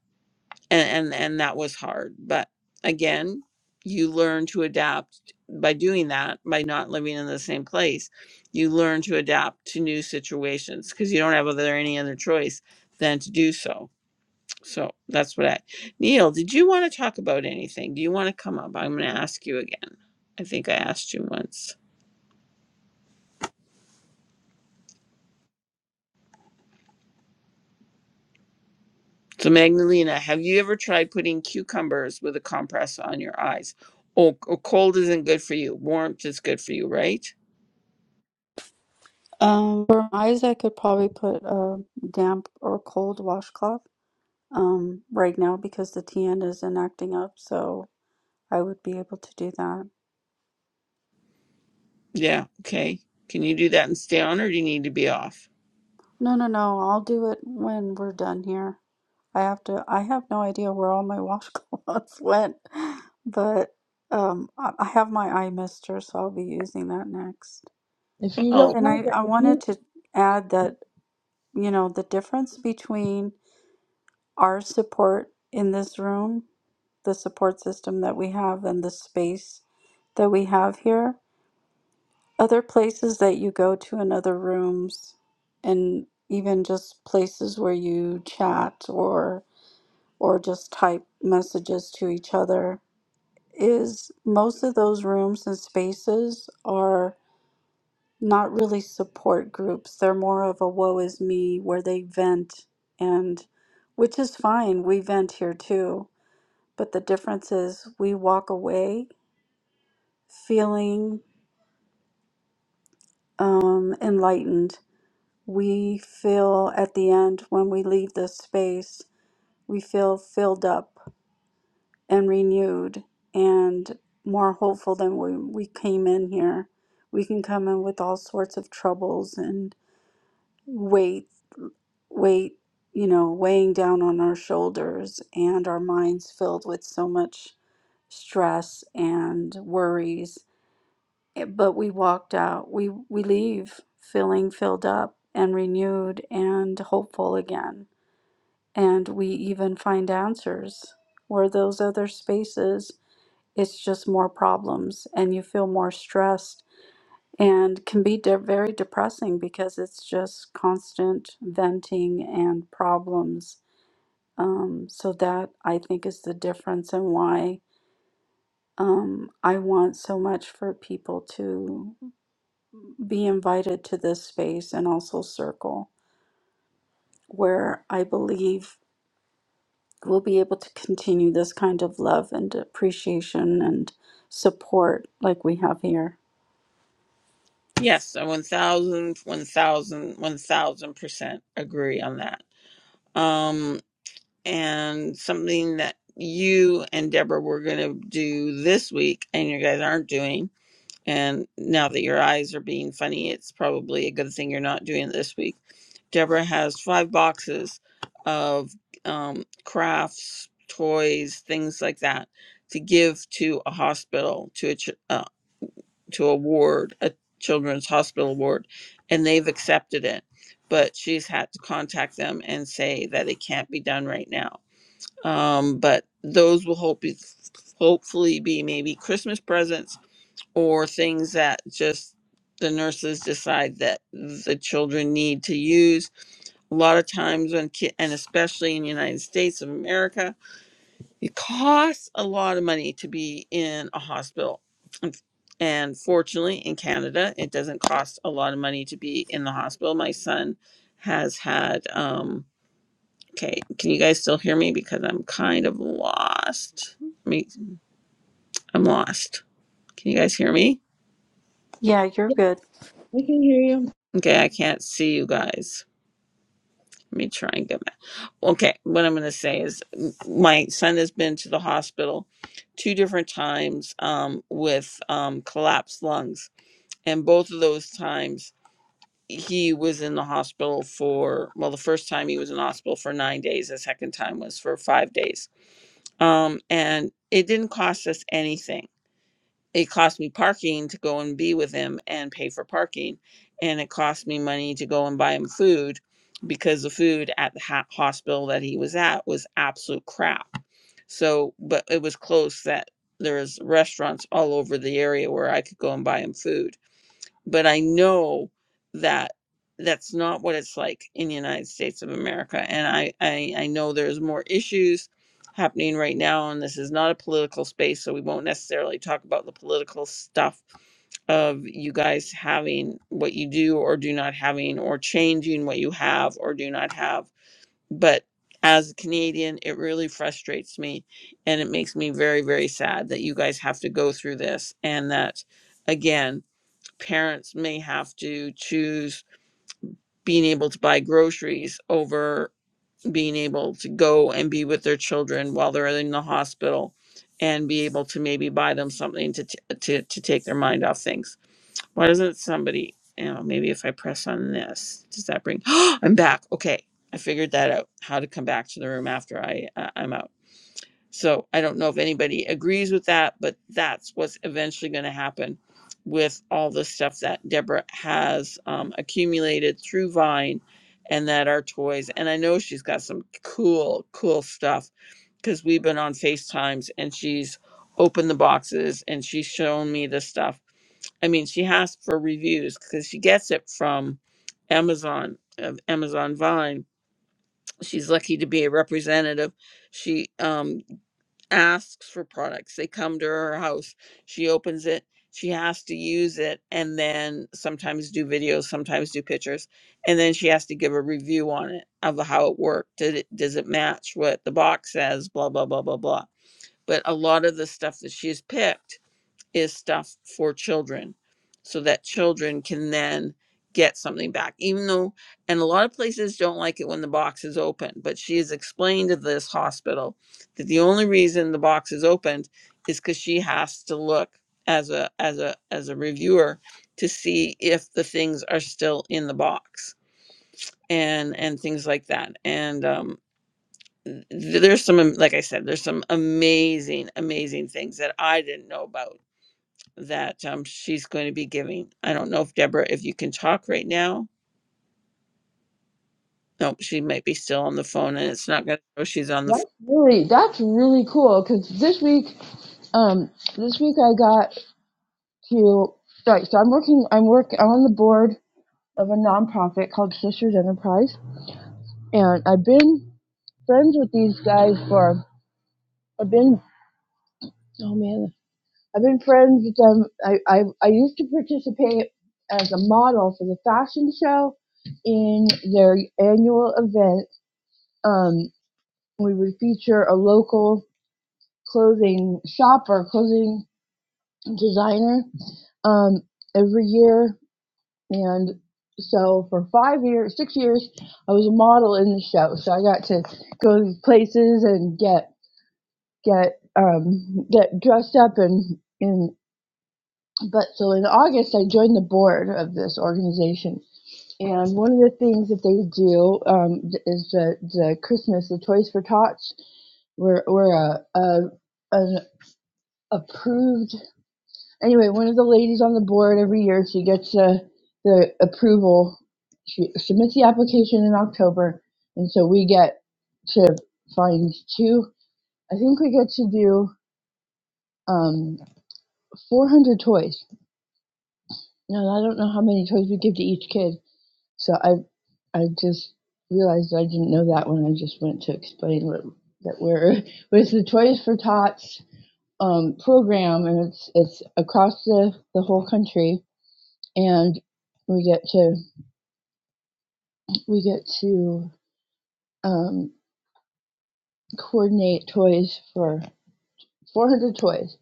S1: and and, and that was hard but again you learn to adapt by doing that by not living in the same place you learn to adapt to new situations because you don't have other any other choice than to do so so that's what i neil did you want to talk about anything do you want to come up i'm going to ask you again i think i asked you once so magdalena have you ever tried putting cucumbers with a compress on your eyes oh, oh cold isn't good for you warmth is good for you right
S2: Um, for eyes, I could probably put a damp or cold washcloth um, right now because the TN isn't acting up, so I would be able to do that.
S1: Yeah. Okay. Can you do that and stay on, or do you need to be off?
S2: No, no, no, I'll do it when we're done here. I have to, I have no idea where all my washcloths went. But um, I I have my eye mister, so I'll be using that next.
S5: If you don't
S1: Well,
S2: And
S5: have
S2: I,
S5: it,
S2: I
S5: if you,
S2: wanted to add that, you know, the difference between our support in this room, the support system that we have, and the space that we have here, other places that you go to in other rooms, and even just places where you chat or or just type messages to each other is most of those rooms and spaces are. not really support groups. They're more of a woe is me where they vent and which is fine. We vent here too. But the difference is we walk away feeling um, enlightened. We feel at the end when we leave this space, we feel filled up and renewed and more hopeful than when we came in here. We can come in with all sorts of troubles and weight. weight, you know, weighing down on our shoulders and our minds filled with so much stress and worries. Eh, But we walked out, we, we leave feeling filled up and renewed and hopeful again. And we even find answers where those other spaces, it's just more problems and you feel more stressed and can be de- very depressing because it's just constant venting and problems um, so that I think is the difference and why um, I want so much for people to be invited to this space and also circle where I believe we'll be able to continue this kind of love and appreciation and support like we have here.
S1: yes, I one thousand, one thousand, one thousand percent agree on that. Um, and something that you and Deborah were going to do this week, and you guys aren't doing, and now that your eyes are being funny, it's probably a good thing you're not doing it this week Deborah has five boxes of um, crafts, toys, things like that to give to a hospital, to a ch- uh, to a ward, a children's hospital ward, and they've accepted it. But she's had to contact them and say that it can't be done right now. Um, but those will hope hopefully be maybe Christmas presents or things that just the nurses decide that the children need to use a lot of times when ki- and especially in the united states of america it costs a lot of money to be in a hospital Unf- and fortunately in canada it doesn't cost a lot of money to be in the hospital my son has had um okay can you guys still hear me because i'm kind of lost me i'm lost can you guys hear me
S2: Yeah, you're good.
S5: we can hear you.
S1: okay i can't see you guys let me try and get okay, what I'm going to say is my son has been to the hospital two different times um, with um, collapsed lungs. And both of those times, he was in the hospital for, well, the first time he was in the hospital for nine days, the second time was for five days. Um, and it didn't cost us anything it cost me parking to go and be with him and pay for parking and it cost me money to go and buy him food because the food at the ha- hospital that he was at was absolute crap so but it was close that there was restaurants all over the area where i could go and buy him food but I know that that's not what it's like in the United States of America. And I, I, I know there's more issues happening right now, and this is not a political space, so we won't necessarily talk about the political stuff of you guys having what you do or do not having, or changing what you have or do not have. But as a Canadian, it really frustrates me and it makes me very, very sad that you guys have to go through this and that, again, parents may have to choose being able to buy groceries over being able to go and be with their children while they're in the hospital and be able to maybe buy them something to t- to to take their mind off things. Why doesn't somebody, you know, maybe if I press on this, does that bring I'm back. Okay. I figured that out. How to come back to the room after I uh, I'm out. So I don't know if anybody agrees with that, but that's what's eventually going to happen with all the stuff that Deborah has um, accumulated through Vine and that are toys. And I know she's got some cool, cool stuff because we've been on FaceTimes and she's opened the boxes and she's shown me the stuff. I mean, she asked for reviews because she gets it from Amazon, of Amazon Vine. She's lucky to be a representative she um asks for products. They come to her house. She opens it. She has to use it and then sometimes do videos, sometimes do pictures. And then she has to give a review on it of how it worked. Did it does it match what the box says? Blah blah blah blah blah. But a lot of the stuff that she's picked is stuff for children so that children can then get something back even though and a lot of places don't like it when the box is open but she has explained to this hospital that the only reason the box is opened is because she has to look as a as a as a reviewer to see if the things are still in the box and and things like that and um th- there's some am- like i said there's some amazing amazing things that i didn't know about that um, she's going to be giving. I don't know if Deborah, if you can talk right now. No, she might be still on the phone and it's not going to show she's on the phone.
S5: That's really that's really cool because this week, um, this week I got to right. So I'm working. I'm work. I'm on the board of a nonprofit called Sisters Enterprise, and I've been friends with these guys for. I've been oh man, I've been friends with them. I I, I used to participate as a model for the fashion show in their annual event. Um, we would feature a local clothing shop or clothing designer um, every year And so for five years, six years, I was a model in the show. So I got to go to places and get get um, get dressed up and in. But so in August, I joined the board of this organization. And one of the things that they do um, is the, the Christmas, the Toys for Tots. We're, we're a, a, an approved anyway, one of the ladies on the board every year, she gets uh, the approval. She submits the application in October, and so we get to find two. I think we get to do um, 400 toys. Now, I don't know how many toys we give to each kid, so I I just realized I didn't know that when I just went to explain what that we're was the Toys for Tots um, program, and it's it's across the the whole country and we get to we get to um, coordinate toys for 400 toys.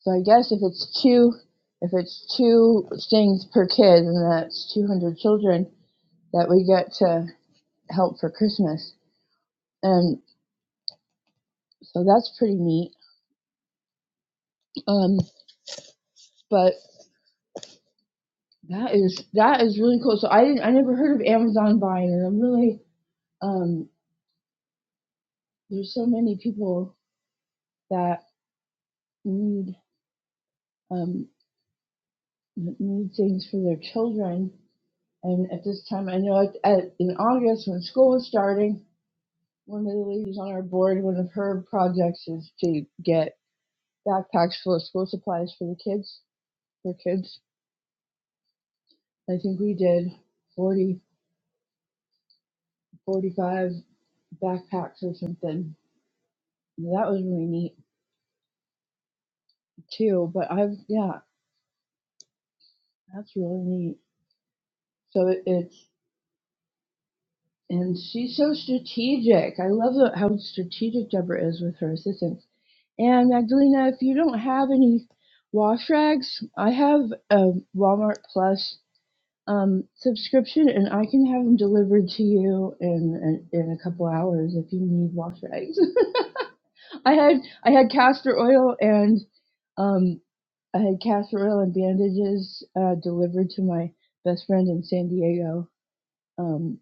S5: So I guess if it's two if it's two things per kid, and that's 200 children that we get to help for Christmas, and so that's pretty neat. Um, but that is that is really cool. So I didn't I never heard of Amazon buying, and I'm really um, there's so many people that need. Um, need things for their children. And at this time, I know at, at, in August when school was starting, one of the ladies on our board, one of her projects is to get backpacks full of school supplies for the kids, for kids. I think we did 40 45 backpacks or something. that was really neat too. But I've, yeah, that's really neat. So it, it's and she's so strategic. I love the- how strategic Deborah is with her assistants. And Magdalena, if you don't have any wash rags, I have a Walmart Plus um, subscription, and I can have them delivered to you in, in in a couple hours if you need wash rags. I had I had castor oil and um, I had castor oil and bandages uh, delivered to my best friend in San Diego. Um,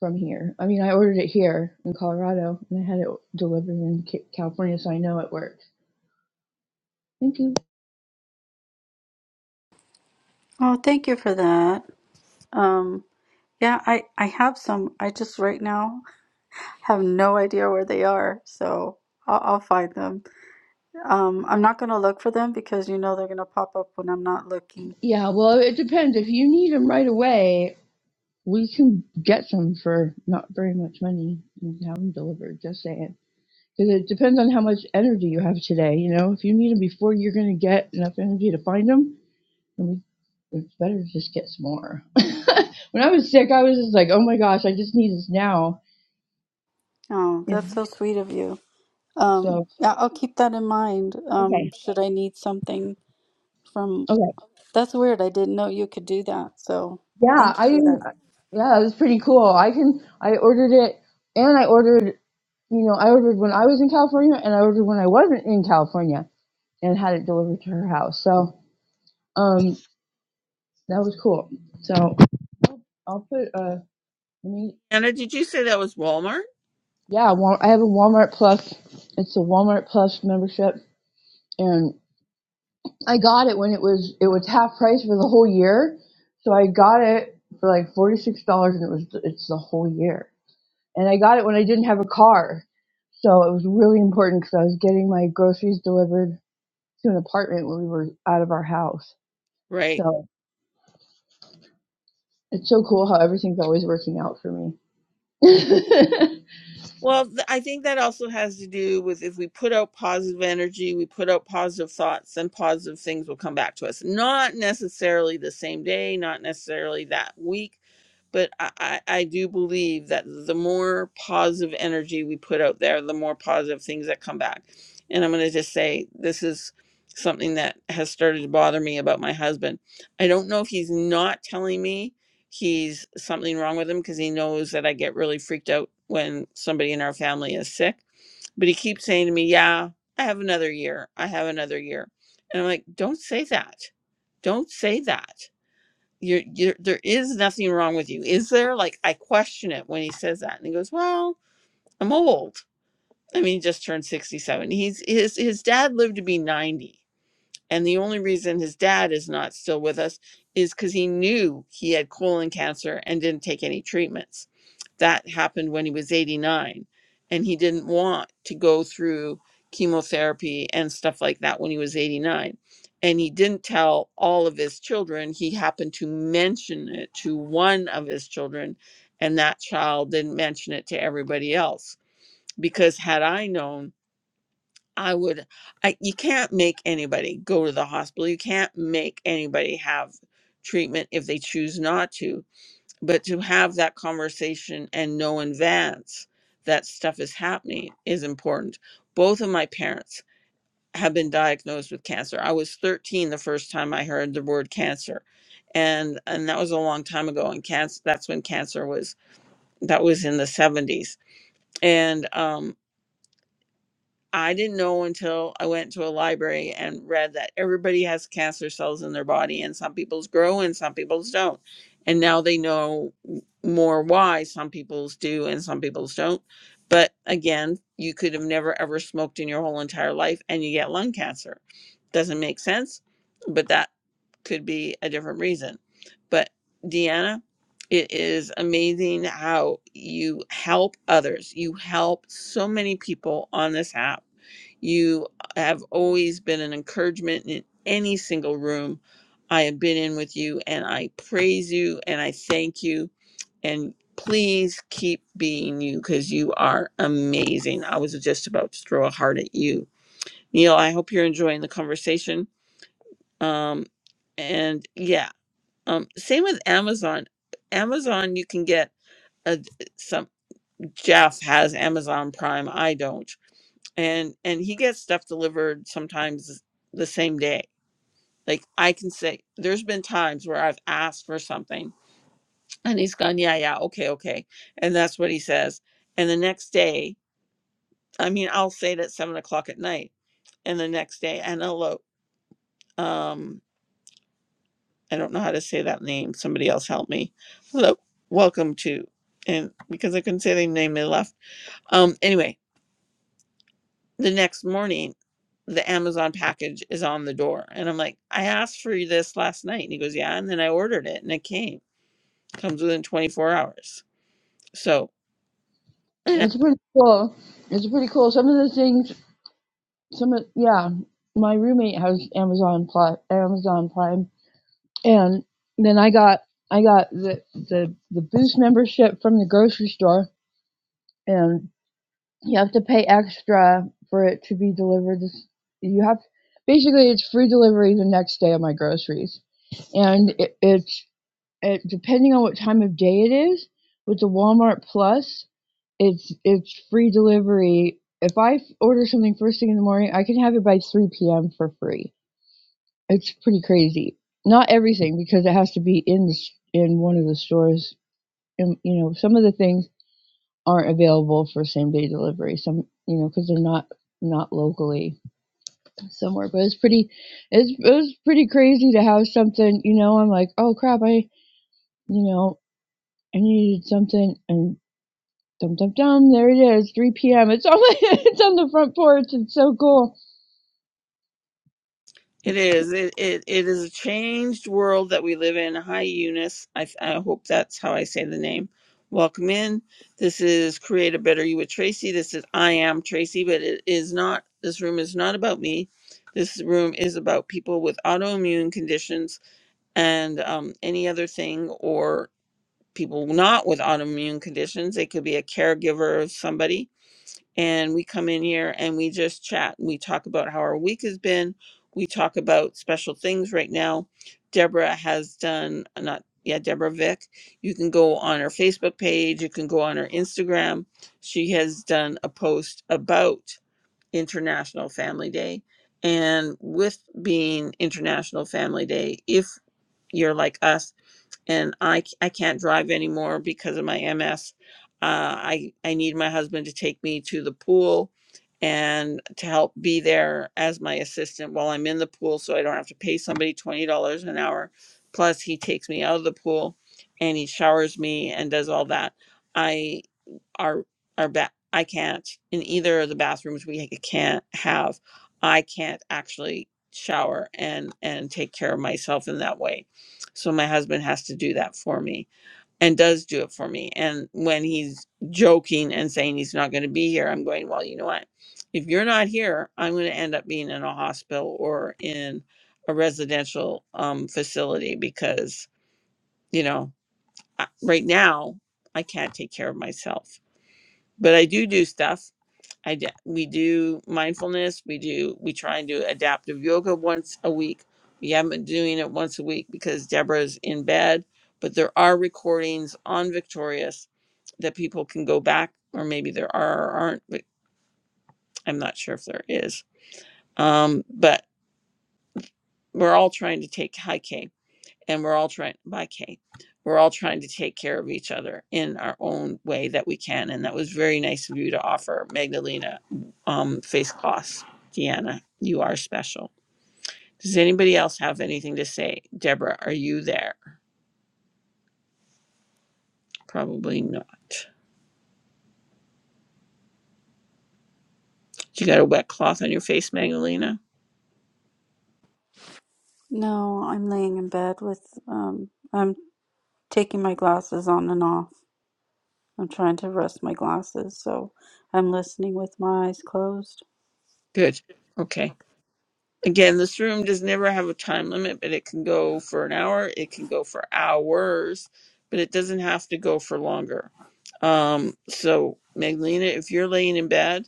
S5: from here. I mean, I ordered it here in Colorado, and I had it delivered in California, so I know it works. Thank you.
S2: Oh, thank you for that. Um, yeah, I, I have some. I just right now have no idea where they are, so I'll, I'll find them. Um, I'm not gonna look for them because you know they're gonna pop up when I'm not looking.
S5: Yeah, well, it depends. If you need them right away, we can get some for not very much money and have them delivered. Just saying, because it depends on how much energy you have today. You know, if you need them before you're going to get enough energy to find them, then we it's better to just get some more. when I was sick, I was just like, oh my gosh, I just need this now.
S2: Oh,
S5: you
S2: that's so sweet of you. Um,
S5: So
S2: yeah, I'll keep that in mind.
S5: okay,
S2: Um, should I need something from?
S5: okay.
S2: That's weird. I didn't know you could do that. So
S5: Yeah,
S2: thank you
S5: I
S2: for
S5: didn't-
S2: that.
S5: yeah, it was pretty cool. I can I ordered it and I ordered you know, I ordered when I was in California and I ordered when I wasn't in California and had it delivered to her house. So um that was cool. So I'll, put uh I mean
S1: Anna, did you say that was Walmart?
S5: yeah, Wal- I have a Walmart Plus. It's a Walmart Plus membership and I got it when it was it was half price for the whole year. So I got it for like forty six dollars and it was it's the whole year. and I got it when I didn't have a car. So it was really important because I was getting my groceries delivered to an apartment when we were out of our house.
S1: Right.
S5: So it's so cool how everything's always working out for me. it's
S1: Well, th- I think that also has to do with if we put out positive energy, we put out positive thoughts, then positive things will come back to us. Not necessarily the same day, not necessarily that week, but I, I, I do believe that the more positive energy we put out there, the more positive things that come back. And I'm going to just say this is something that has started to bother me about my husband. I don't know if he's not telling me he's something wrong with him because he knows that I get really freaked out when somebody in our family is sick. But he keeps saying to me, Yeah, I have another year. I have another year. And I'm like, Don't say that. Don't say that. You're, you're, there is nothing wrong with you. Is there? Like, I question it when he says that. And he goes, Well, I'm old. I mean, he just turned 67. He's, his, his dad lived to be 90. And the only reason his dad is not still with us is because he knew he had colon cancer and didn't take any treatments. That happened when he was 89. And he didn't want to go through chemotherapy and stuff like that when he was 89. And he didn't tell all of his children. He happened to mention it to one of his children, and that child didn't mention it to everybody else. Because had I known, I would, I, you can't make anybody go to the hospital. You can't make anybody have treatment if they choose not to. But to have that conversation and know in advance that stuff is happening is important. Both of my parents have been diagnosed with cancer. I was 13 the first time I heard the word cancer. And and that was a long time ago. And cancer that's when cancer was that was in the 70s. And um I didn't know until I went to a library and read that everybody has cancer cells in their body, and some people's grow and some people's don't. And now they know more why some people's do and some people's don't. But again, you could have never ever smoked in your whole entire life and you get lung cancer. Doesn't make sense, but that could be a different reason. But Deanna, it is amazing how you help others. You help so many people on this app you have always been an encouragement in any single room I have been in with you, and I praise you and I thank you. And please keep being you because you are amazing. I was just about to throw a heart at you. Neil, I hope you're enjoying the conversation. Um, and yeah, um, same with Amazon. Amazon, you can get a, some, Jeff has Amazon Prime. I don't and and he gets stuff delivered sometimes the same day like i can say there's been times where i've asked for something and he's gone yeah yeah okay okay and that's what he says and the next day i mean i'll say it at seven o'clock at night and the next day and hello um i don't know how to say that name somebody else help me hello welcome to and because i couldn't say their name they left um anyway the next morning the Amazon package is on the door. And I'm like, I asked for this last night. And he goes, Yeah. And then I ordered it and it came. It Comes within 24 hours. So eh,
S5: pretty cool. It's pretty cool. Some of the things, some of, yeah, my roommate has Amazon Prime, Amazon Prime, and then I got I got the the the Boost membership from the grocery store, and. You have to pay extra for it to be delivered. you have basically it's free delivery the next day of my groceries, and it, it's it, depending on what time of day it is. With the Walmart Plus, it's it's free delivery. If I order something first thing in the morning, I can have it by 3 p.m. for free. It's pretty crazy. Not everything because it has to be in the, in one of the stores. And you know, some of the things aren't available for same day delivery. Some, you know, because they're not not locally somewhere. But it's pretty, it's it was pretty crazy to have something. You know, I'm like, oh crap, I, you know, I needed something, and dum dum dum, there it is, 3 p.m. It's on my, it's on the front porch. It's so cool.
S1: it is. It, it, it is a changed world that we live in. Hi, Eunice. I, I hope that's how I say the name. Welcome in. This is Create a Better You with Tracy. This is I Am Tracy, but it is not, this room is not about me. This room is about people with autoimmune conditions and um, any other thing or people not with autoimmune conditions. It could be a caregiver of somebody. And we come in here and we just chat. We talk about how our week has been. We talk about special things right now. Deborah has done, uh, not, yeah, Deborah Vick. You can go on her Facebook page. You can go on her Instagram. She has done a post about International Family Day. And with being International Family Day, if you're like us and I I c- I can't drive anymore because of my MS. Uh, I I need my husband to take me to the pool and to help be there as my assistant while I'm in the pool, so I don't have to pay somebody twenty dollars an hour. Plus, he takes me out of the pool and he showers me and does all that. I our our ba- I can't in either of the bathrooms we can't have I can't actually shower and and take care of myself in that way. So my husband has to do that for me and does do it for me. And when he's joking and saying he's not going to be here, I'm going, well, you know what? If you're not here, I'm going to end up being in a hospital or in a residential um, facility because, you know, I- right now I can't take care of myself but I do do stuff. I d- we do mindfulness. We do we try and do adaptive yoga once a week. We haven't been doing it once a week because Deborah's in bed, but there are recordings on Victorious that people can go back, or maybe there are or aren't. But I'm not sure if there is. Um, but we're all trying to take high K. and we're all trying by Kay. We're all trying to take care of each other in our own way that we can. And that was very nice of you to offer Magdalena um, face cloths. Deanna, you are special. Does anybody else have anything to say? Deborah, are you there? Probably not. You got a wet cloth on your face, Magdalena?
S2: No, I'm laying in bed with. Um, I'm taking my glasses on and off. I'm trying to rest my glasses, so I'm listening with my eyes closed.
S1: Good. Okay. Again, this room does never have a time limit, but it can go for an hour, it can go for hours, but it doesn't have to go for longer. Um, so, Magdalena, if you're laying in bed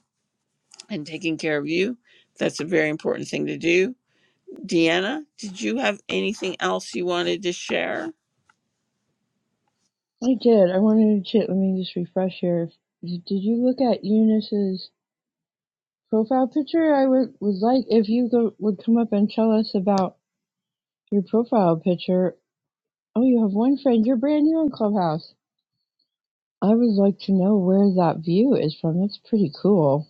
S1: and taking care of you, that's a very important thing to do. Deanna, did you have anything else you wanted to share?
S5: I did. I wanted to check. Let me just refresh here. Did you look at Eunice's profile picture? I would was like if you go, would come up and tell us about your profile picture Oh, you have one friend. You're brand new in Clubhouse. I would like to know where that view is from. It's pretty cool.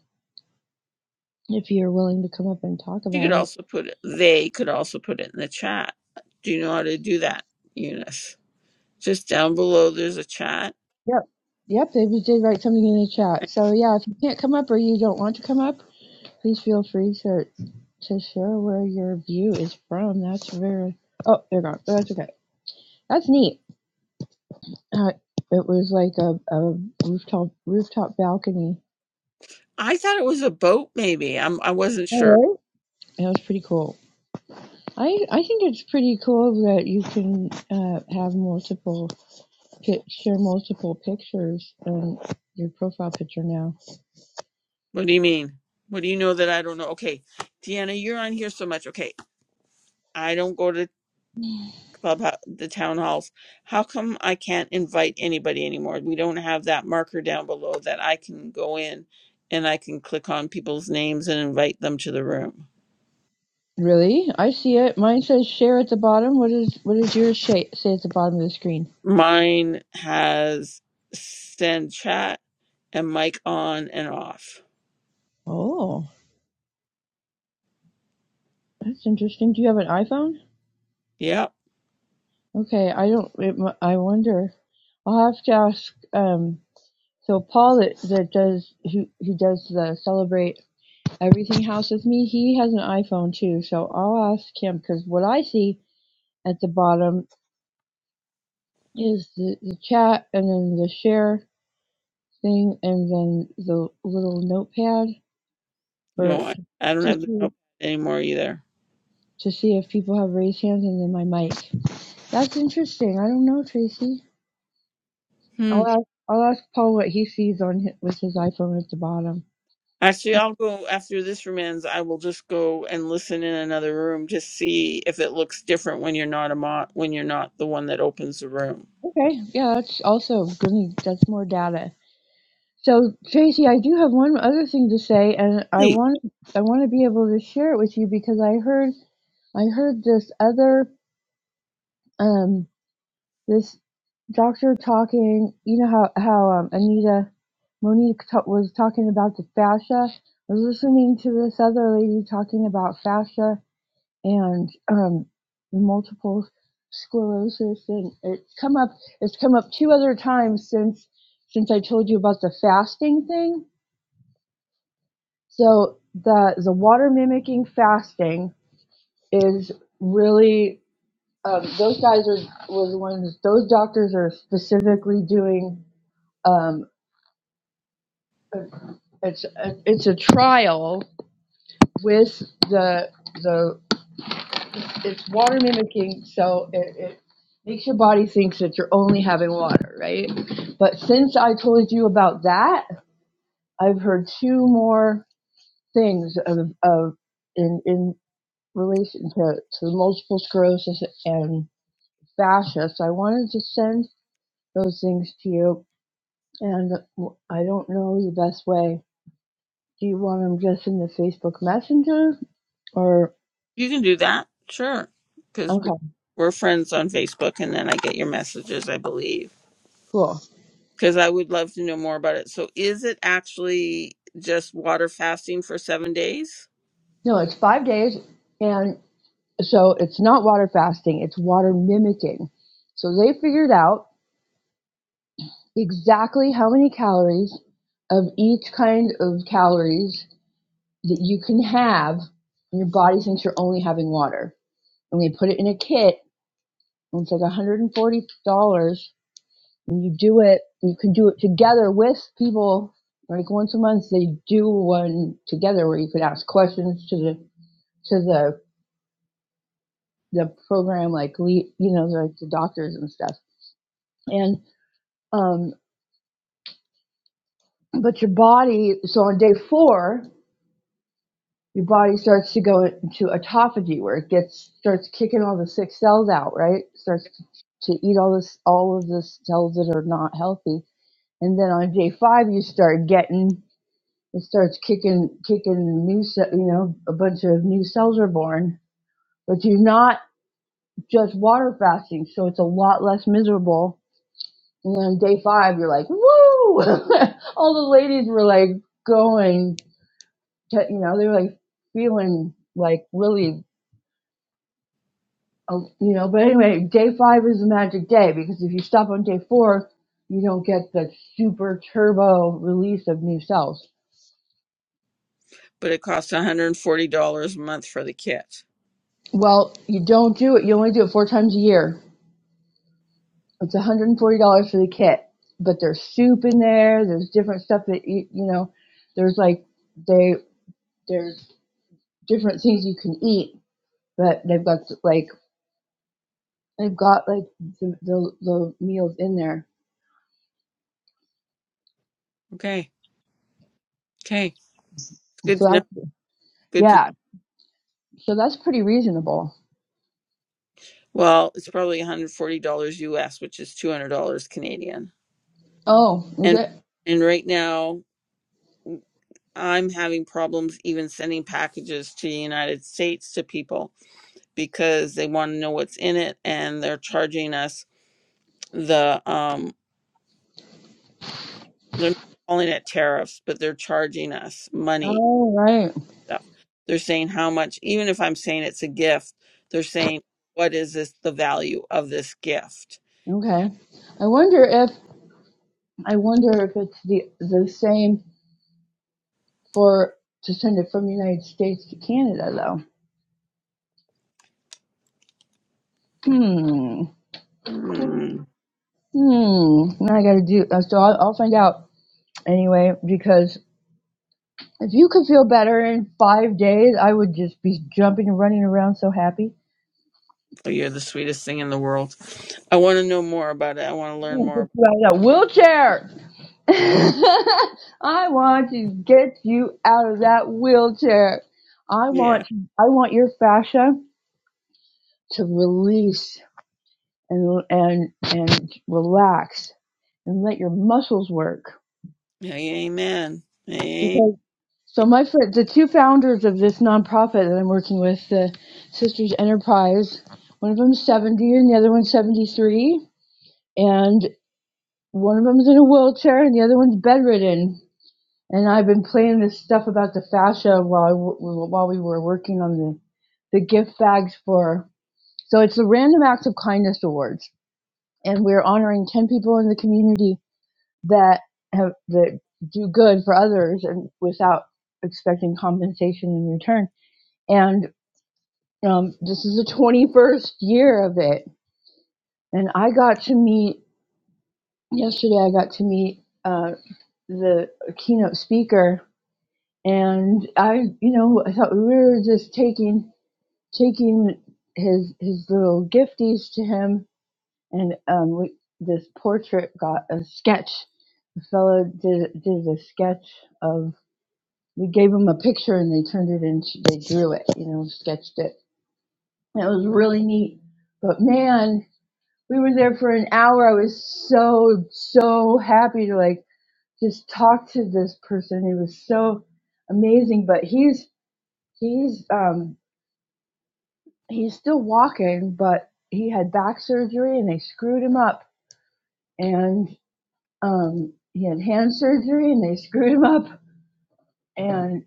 S5: If you're willing to come up and talk
S1: You could
S5: about it.
S1: also put it, they could also put it in the chat. Do you know how to do that, Eunice? Just down below, there's a chat.
S5: Yep. Yep, they just did write something in the chat. So yeah, if you can't come up or you don't want to come up, please feel free to to share where your view is from. That's very oh, they're gone. But that's okay. That's neat. Uh, it was like a, a rooftop rooftop balcony.
S1: I thought it was a boat, maybe. I'm, I wasn't sure.
S5: Oh, really? It was pretty cool. I I think it's pretty cool that you can uh, have multiple pi- share multiple pictures on your profile picture now.
S1: What do you mean? What do you know that I don't know? Okay, Deanna, you're on here so much. Okay, I don't go to club the town halls. How come I can't invite anybody anymore? We don't have that marker down below that I can go in and I can click on people's names and invite them to the room.
S5: Really, I see it. Mine says share at the bottom. What is what does yours say, say at the bottom of the screen?
S1: Mine has send chat and mic on and off.
S5: Oh, that's interesting. Do you have an iPhone?
S1: Yep.
S5: Okay, I don't. It, I wonder. I'll have to ask. Um, so Paul that, that does who who does the celebrate everything house with me. He has an iPhone too, so I'll ask him because what I see at the bottom is the, the chat and then the share thing and then the little notepad
S1: No,
S5: for
S1: I, I don't
S5: to
S1: have the
S5: see
S1: notepad anymore either.
S5: to see if people have raised hands and then my mic. That's interesting. I don't know, Tracy. I'll ask I'll ask Paul what he sees on his, with his iPhone at the bottom.
S1: Actually, I'll go after this room ends. I will just go and listen in another room to see if it looks different when you're not a mod, when you're not the one that opens the room.
S5: Okay, yeah, that's also good. That's more data. So Tracy, I do have one other thing to say, and I
S1: Please,
S5: want I want to be able to share it with you because I heard I heard this other. um. this doctor talking, you know how how um, Anita Monique ta was talking about the fascia. I was listening to this other lady talking about fascia and um, multiple sclerosis, and it's come up. It's come up two other times since since I told you about the fasting thing. So the the water mimicking fasting is really um, those guys are was the ones those doctors are specifically doing um, it's a, it's a trial with the the it's water mimicking, so it, it makes your body think that you're only having water, right? But since I told you about that, I've heard two more things of, of in in relation to, to multiple sclerosis and fascia. So I wanted to send those things to you, and I don't know the best way. Do you want them just in the Facebook Messenger? Or
S1: you can do that, sure, because
S5: okay,
S1: we're, we're friends on Facebook, and then I get your messages, I believe.
S5: cool.
S1: Because I would love to know more about it. So, is it actually just water fasting for seven days?
S5: No, it's five days, and so it's not water fasting; it's water mimicking. So they figured out exactly how many calories of each kind of calories that you can have, and your body thinks you're only having water. And they put it in a kit, and it's like 140 dollars. And you do it; you can do it together with people. Like once a month, they do one together where you can ask questions to the to the the program like you know like the doctors and stuff and um but your body so on day four your body starts to go into autophagy where it gets starts kicking all the sick cells out right starts to, to eat all this all of the cells that are not healthy and then on day five you start getting it starts kicking kicking new ce- you know a bunch of new cells are born but you're not just water fasting so it's a lot less miserable And then day five, you're like, woo! All the ladies were like going, to, you know, they were like feeling like really, oh, you know. But anyway, day five is the magic day because if you stop on day four, you don't get the super turbo release of new cells.
S1: But it costs one hundred and forty dollars a month for the kit.
S5: Well, you don't do it. You only do it four times a year. It's $140 for the kit, but there's soup in there. There's different stuff that you, you know. There's like they there's different things you can eat but they've got like they've got like the the, the meals in there.
S1: Okay, okay, it's good
S5: So
S1: to know.
S5: that's
S1: Good to know.
S5: yeah. So that's pretty reasonable.
S1: Well, it's probably $140 US, which is $200 Canadian.
S5: Oh, is
S1: And
S5: it?
S1: and right now I'm having problems even sending packages to the United States to people because they want to know what's in it and they're charging us the um they're not calling it tariffs, but they're charging us money
S5: Oh, right.
S1: stuff. They're saying how much even if I'm saying it's a gift, they're saying what is this the value of this gift?
S5: Okay. I wonder if I wonder if it's the the same for to send it from the United States to Canada though. Hmm. Cool.
S1: Hmm.
S5: Hmm. Now I got to do uh, so. I'll, I'll find out anyway because if you could feel better in five days, I would just be jumping and running around so happy.
S1: You're the sweetest thing in the world. I want to know more about it. I want to learn more.
S5: Right, a wheelchair. I want to get you out of that wheelchair. I
S1: Yeah.
S5: want I want your fascia to release and and and relax and let your muscles work.
S1: Hey, amen. Hey,
S5: Because so my friend, the two founders of this nonprofit that I'm working with, the Sisters Enterprise, one of them's 70 and the other one's 73, and one of them's in a wheelchair and the other one's bedridden and I've been playing this stuff about the fascia while I w- while we were working on the the gift bags for. So it's the Random Acts of Kindness Awards, and we're honoring ten people in the community that have that do good for others and without expecting compensation in return. And um, this is the twenty first year of it, and I got to meet yesterday. I got to meet uh, the keynote speaker and I, you know, I thought we were just taking taking his his little gifties to him, and um, we, this portrait got a sketch. The fellow did did a sketch of. We gave him a picture, and they turned it into. They drew it, you know, sketched it. And it was really neat. But man, we were there for an hour. I was so so happy to like just talk to this person. He was so amazing. But he's He's um he's still walking, but he had back surgery and they screwed him up. And um he had hand surgery and they screwed him up. And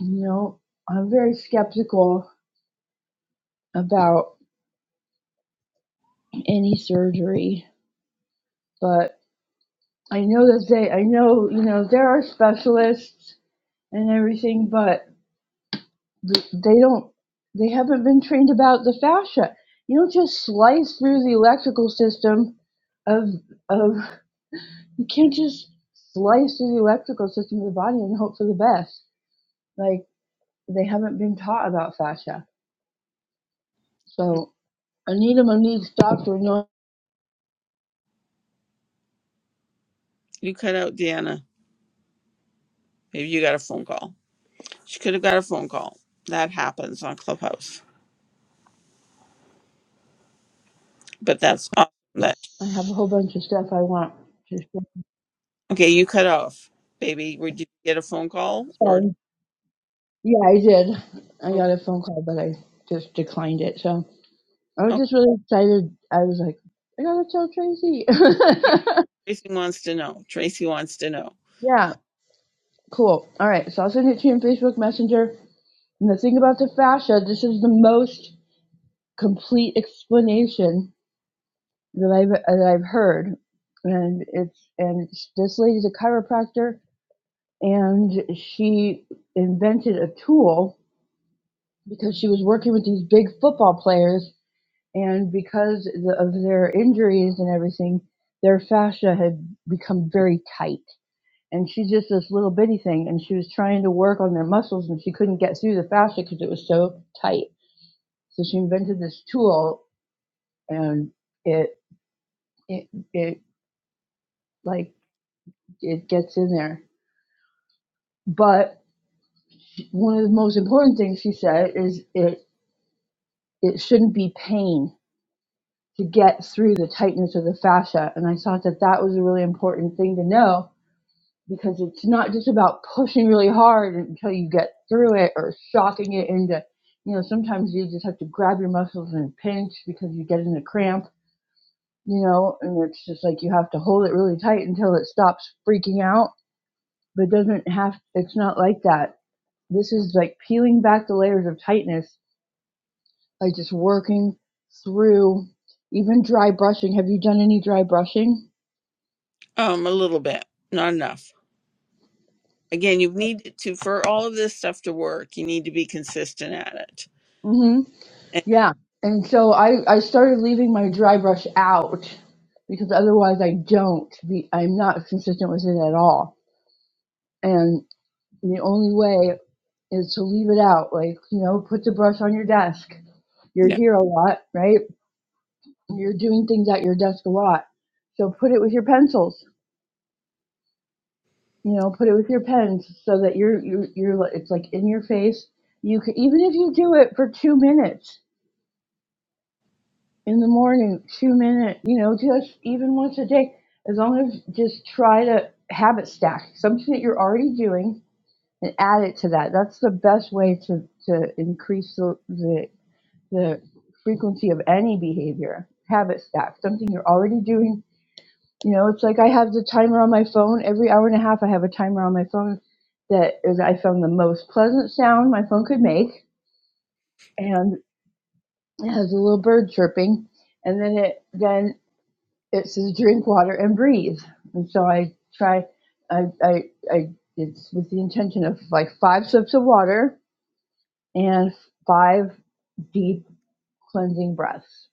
S5: you know, I'm very skeptical about any surgery, but I know that they I know, you know, there are specialists and everything, but they don't they haven't been trained about the fascia. You don't just slice through the electrical system of of You can't just slice through the electrical system of the body and hope for the best. Like they haven't been taught about fascia. So Anita Monique's doctor knows
S1: you cut out Deanna. Maybe you got a phone call. She could have got a phone call. That happens on Clubhouse. But that's awesome. That
S5: I have a whole bunch of stuff I want to share.
S1: okay. You cut off, baby. Were- Did you get a phone call or?
S5: So yeah, I did. I
S1: Okay.
S5: got a phone call but I just declined it. So I was
S1: okay.
S5: just really excited. I was like, I gotta tell Tracy.
S1: Yeah. Tracy wants to know. Tracy wants to know.
S5: yeah, cool. All right, so I'll send it to you in Facebook Messenger. And the thing about the fascia, this is the most complete explanation that I've that I've heard, and it's and it's, this lady's a chiropractor, and she invented a tool because she was working with these big football players, and because the, of their injuries and everything, their fascia had become very tight, and she's just this little bitty thing, and she was trying to work on their muscles, and she couldn't get through the fascia because it was so tight, so she invented this tool, and it it it like it gets in there But one of the most important things she said is it it shouldn't be pain to get through the tightness of the fascia, and I thought that that was a really important thing to know because it's not just about pushing really hard until you get through it or shocking it into you know sometimes you just have to grab your muscles and pinch because you get in a cramp you know and it's just like you have to hold it really tight until it stops freaking out but it doesn't have it's not like that this is like peeling back the layers of tightness like just working through even dry brushing. Have you done any dry brushing?
S1: Um, a little bit, not enough. Again, you need to for all of this stuff to work. You need to be consistent at
S5: hmm
S1: it
S5: Yeah. And so I, I started leaving my dry brush out because otherwise I don't be, I'm not consistent with it at all. And the only way is to leave it out. Like, you know, put the brush on your desk. You're here a lot, right? You're doing things at your desk a lot. So put it with your pencils you know put it with your pens so that you're you're, you're like- it's like in your face you could even if you do it for two minutes in the morning two minute you know just even once a day as long as just try to habit stack something that you're already doing and add it to that that's the best way to to increase the the, the frequency of any behavior habit stack something you're already doing You know, it's like I have the timer on my phone. Every hour and a half, I have a timer on my phone that is, I found, the most pleasant sound my phone could make. And it has a little bird chirping. And then it, then it says drink water and breathe. And so I try, I, I, I, it's with the intention of like five sips of water and five deep cleansing breaths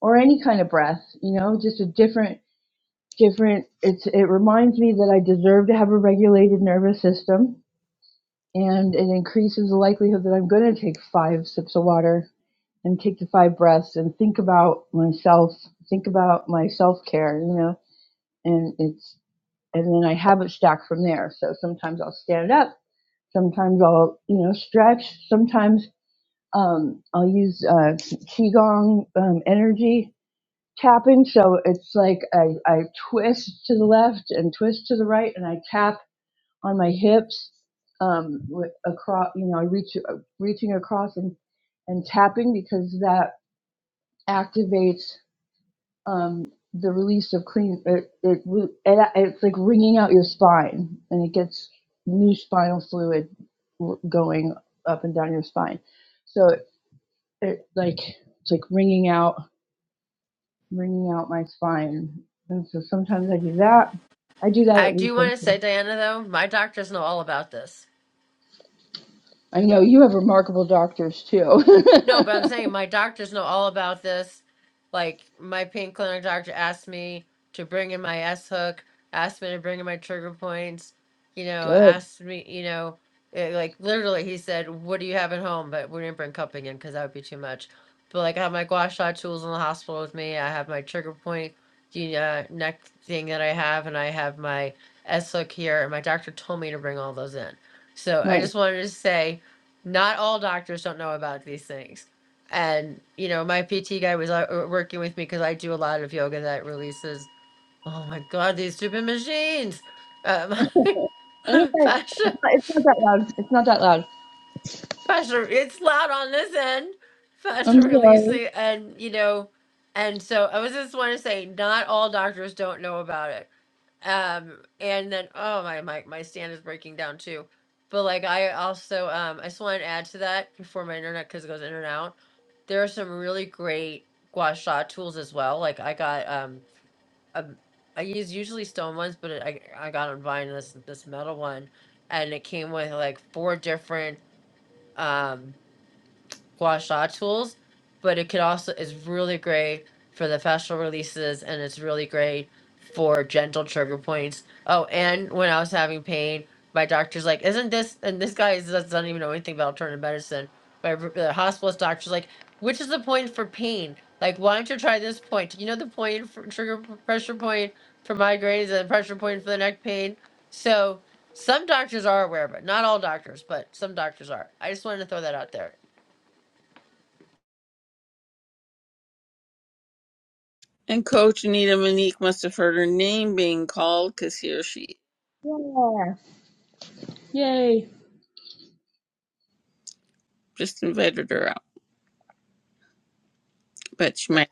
S5: or any kind of breath, you know, just a different different it's it reminds me that I deserve to have a regulated nervous system and it increases the likelihood that I'm going to take five sips of water and take the five breaths and think about myself, think about my self-care, you know. And it's and then I habit stack from there. So sometimes I'll stand up, sometimes I'll, you know, stretch, sometimes um I'll use uh qigong um energy tap in. So it's like I, I twist to the left and twist to the right, and I tap on my hips um, with across. You know, I reach uh, reaching across and and tapping because that activates um, the release of clean. It, it re- it it's like wringing out your spine, and it gets new spinal fluid w- going up and down your spine. So it, it like it's like wringing out wringing out my spine. And so sometimes I do that. I do that
S3: I
S5: at least
S3: do want
S5: once.
S3: to say, Diana, though, my doctors know all about this.
S5: I know you have remarkable doctors too.
S3: No, but I'm saying my doctors know all about this. Like my pain clinic doctor asked me to bring in my S hook, asked me to bring in my trigger points, you know,
S5: Good,
S3: asked me, you know, eh, like literally he said, "What do you have at home?" But we didn't bring cupping in because that would be too much. But like I have my gua sha tools in the hospital with me. I have my trigger point, the uh, neck thing that I have, and I have my S hook here. And my doctor told me to bring all those in. So I
S5: nice.
S3: just wanted to say not all doctors don't know about these things. And you know, my PT guy was uh, uh, working with me because I do a lot of yoga that releases. Oh my god, these stupid machines! Um,
S5: And okay, it's
S3: fascia,
S5: not, it's not that loud. It's not that loud.
S3: fascia. It's loud on this end.
S5: I'm
S3: Fascia
S5: sorry.
S3: releasing, and you know, and so I was just want to say, not all doctors don't know about it Um, and then oh my my my stand is breaking down too. But like I also um I just want to add to that before my internet because it goes in and out. There are some really great gua sha tools as well. Like I got um a, I use usually stone ones, but I I got on Vine this this metal one, and it came with like four different um gua tools, but it could also is really great for the facial releases and it's really great for gentle trigger points. Oh, and when I was having pain, my doctor's like, "Isn't this?" And this guy is- doesn't even know anything about alternative medicine. My r- the hospitalist doctor's like, "Which is the point for pain? Like, why don't you try this point? You know the point for trigger p- pressure point for migraines and pressure point for the neck pain. So." Some doctors are aware but Not all doctors, but some doctors are. I just wanted to throw that out there.
S1: And Coach Anita Monique must have heard her name being called because he or she
S5: Yeah. Yay.
S1: just invited her out. But she might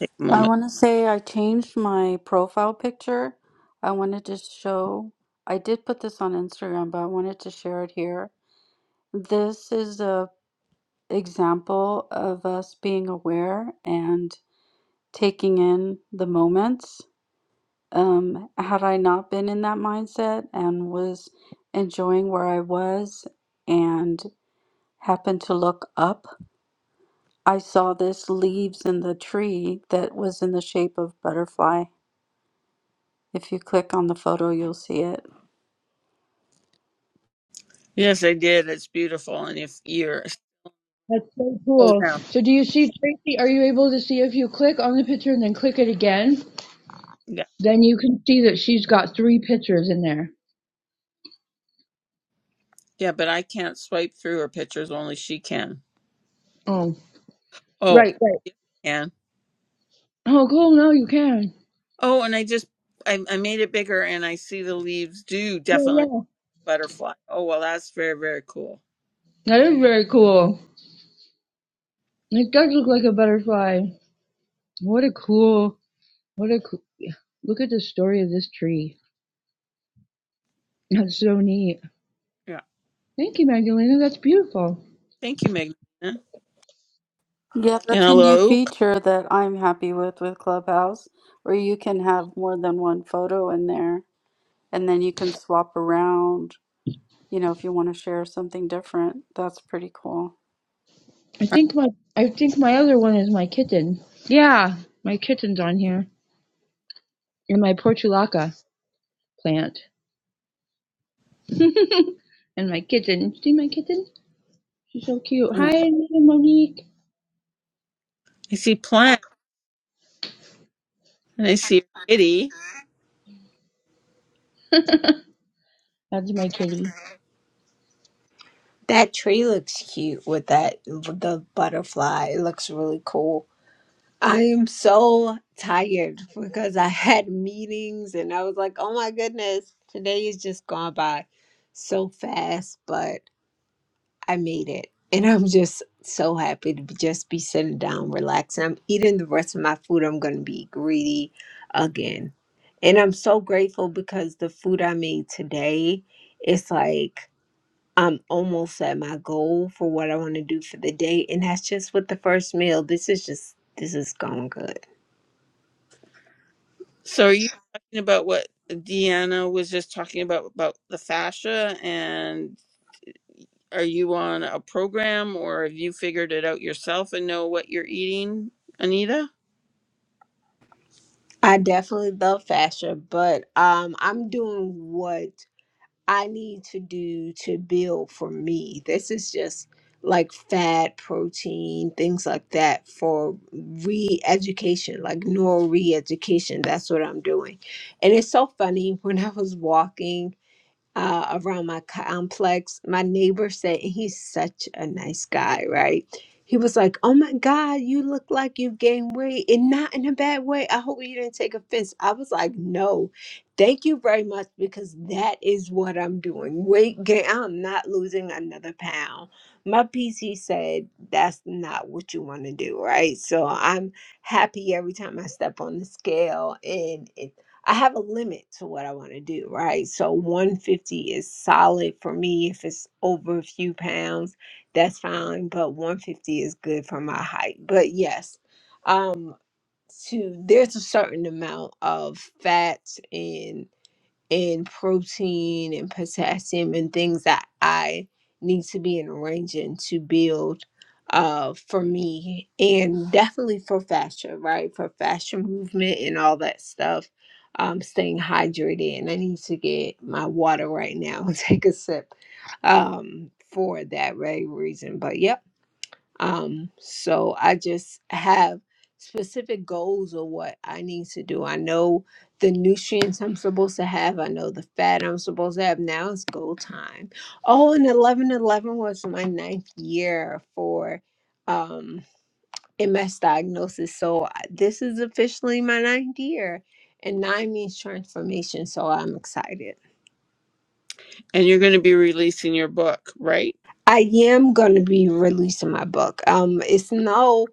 S1: take a
S2: I
S1: moment.
S2: want to say I changed my profile picture. I wanted to show, I did put this on Instagram, but I wanted to share it here. This is a example of us being aware and taking in the moments. Um, had I not been in that mindset and was enjoying where I was and happened to look up, I saw this leaves in the tree that was in the shape of butterfly If you click on the photo, you'll see it.
S1: Yes, I did. It's beautiful. And if you're
S5: That's so
S1: scroll
S5: cool.
S1: down,
S5: So do you see Tracy? Are you able to see if you click on the picture and then click it again?
S1: yeah,
S5: Then you can see that she's got three pictures in there.
S1: yeah, but I can't swipe through her pictures. Only she can.
S5: Oh,
S1: Oh,
S5: right, right.
S1: yeah, I can.
S5: Oh, cool. No, you can.
S1: Oh, and I just I, I made it bigger, and I see the leaves do
S5: Yeah,
S1: definitely
S5: yeah.
S1: butterfly. Oh well, that's very very cool.
S5: That is very cool. It does look like a butterfly. What a cool, what a cool. Look at the story of this tree. That's so neat.
S1: Yeah,
S5: Thank you, Magdalena. That's beautiful.
S1: thank you, Magna.
S2: Yeah,
S1: And
S2: that's a new
S1: hello,
S2: feature that I'm happy with with Clubhouse, where you can have more than one photo in there and then you can swap around, you know, if you want to share something different. That's pretty cool.
S5: I
S1: I
S5: think my, I think my other one is my kitten. Yeah, my kitten's on here, and my portulaca plant, and my kitten. See my kitten? She's so cute. Hi, Monique.
S1: see plant, and I see a kitty.
S5: That's my kitty.
S6: That tree looks cute with that the butterfly. It looks really cool. I am so tired because I had meetings and I was like, oh my goodness, today is just gone by so fast, but I made it. And I'm just so happy to be, just be sitting down, relaxing. I'm eating the rest of my food. I'm going to be greedy again. And I'm so grateful because the food I made today, it's like I'm almost at my goal for what I want to do for the day, and that's just with the first meal. This is just this is going good.
S1: So are you talking about what Deanna was just talking about about the fascia and are you on a program or have you figured it out yourself and know what you're eating, Anita?
S6: I definitely love fascia, but um, I'm doing what I need to do to build for me. This is just like fat, protein, things like that for re-education, like neural re-education. That's what I'm doing, and it's so funny when I was walking. uh, around my complex. My neighbor said, and he's such a nice guy, right? He was like, Oh my God, you look like you have gained weight and not in a bad way. I hope you didn't take offense. I was like, No, thank you very much because that is what I'm doing. Weight gain, I'm not losing another pound. My PC said, That's not what you want to do, right? So I'm happy every time I step on the scale. And it I have a limit to what I want to do, right? So 150 is solid for me. If it's over a few pounds, that's fine, but 150 is good for my height. But yes, um to there's a certain amount of fats and and protein and potassium and things that I need to be in arranging to build uh for me and definitely for fascia, right? For fascia movement and all that stuff. Um staying hydrated and I need to get my water right now and take a sip um for that very reason. But yep um, so I just have specific goals of what I need to do. I know the nutrients I'm supposed to have. I know the fat I'm supposed to have. Now it's goal time. Oh, and eleven eleven was my ninth year for um MS diagnosis. So I- this is officially my ninth year. And nine means transformation. So I'm excited.
S1: And you're going to be releasing your book, right?
S6: I am going to be releasing my book. Um, it's no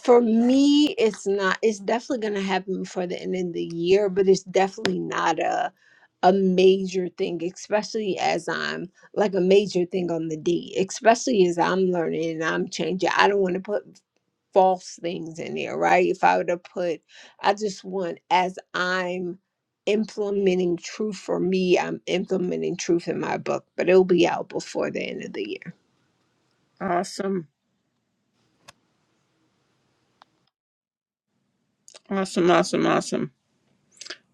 S6: For me, it's not. It's definitely going to happen before the end of the year, but it's definitely not a a major thing, especially as I'm like a major thing on the D, especially as I'm learning and I'm changing. I don't want to put false things in there, right? If I were to put, I just want as I'm implementing truth for me, I'm implementing truth in my book, but it'll be out before the end of the year.
S1: Awesome. Awesome, awesome, awesome.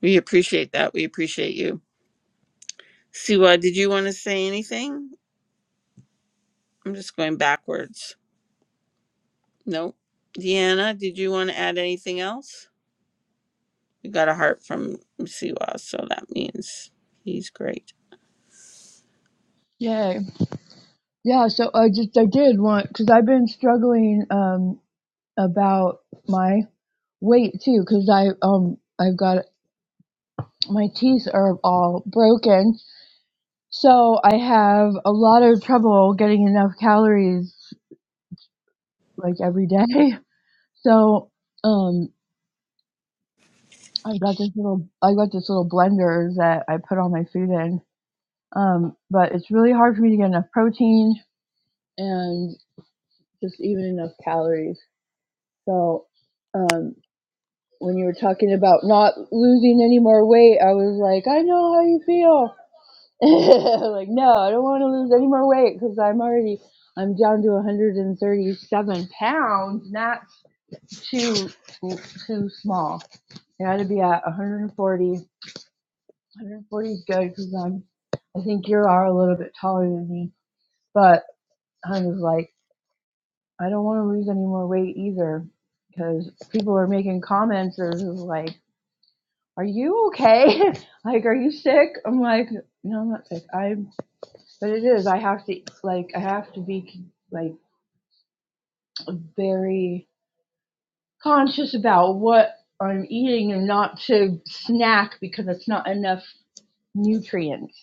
S1: We appreciate that. We appreciate you. Siwa, did you want to say anything? I'm just going backwards. Nope. Deanna, did you want to add anything else? We got a heart from Siwa, so that means he's great.
S5: Yay. Yeah. So I just I did want because I've been struggling um about my weight too because I um I've got my teeth are all broken. So I have a lot of trouble getting enough calories like every day. So um I got this little I got this little blender that I put all my food in. Um but it's really hard for me to get enough protein and just even enough calories. So um when you were talking about not losing any more weight, I was like, I know how you feel like, no, I don't want to lose any more weight because I'm already, I'm down to 137 pounds, not too, too small. I got to be at 140. 140 is good because I'm, I think you are a little bit taller than me. But I was like, I don't want to lose any more weight either because people are making comments. They're just like, are you okay? like, are you sick? I'm like, no, I'm not sick. I'm. but it is i have to like i have to be like very conscious about what i'm eating and not to snack because it's not enough nutrients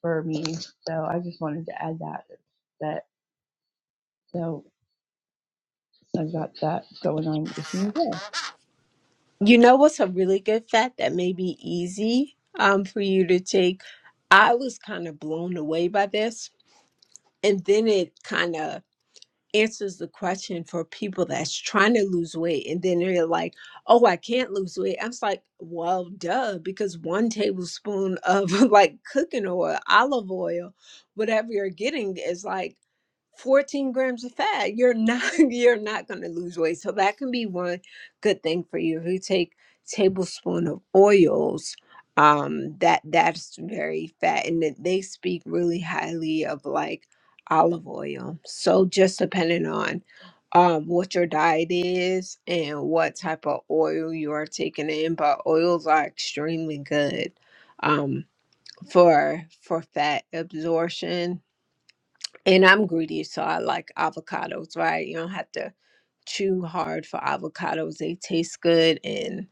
S5: for me so i just wanted to add that that so i've got that going on this new day
S6: You know what's a really good fact that may be easy um, for you to take? I was kind of blown away by this. And then it kind of answers the question for people that's trying to lose weight and then they're like oh i can't lose weight i'm just like well duh because one tablespoon of like cooking oil olive oil whatever you're getting is like 14 grams of fat you're not you're not going to lose weight so that can be one good thing for you if you take tablespoon of oils um that that's very fat and that they speak really highly of like olive oil. So just depending on um what your diet is and what type of oil you are taking in, but oils are extremely good um for for fat absorption. And I'm greedy, so I like avocados, right? You don't have to too hard for avocados. They taste good, and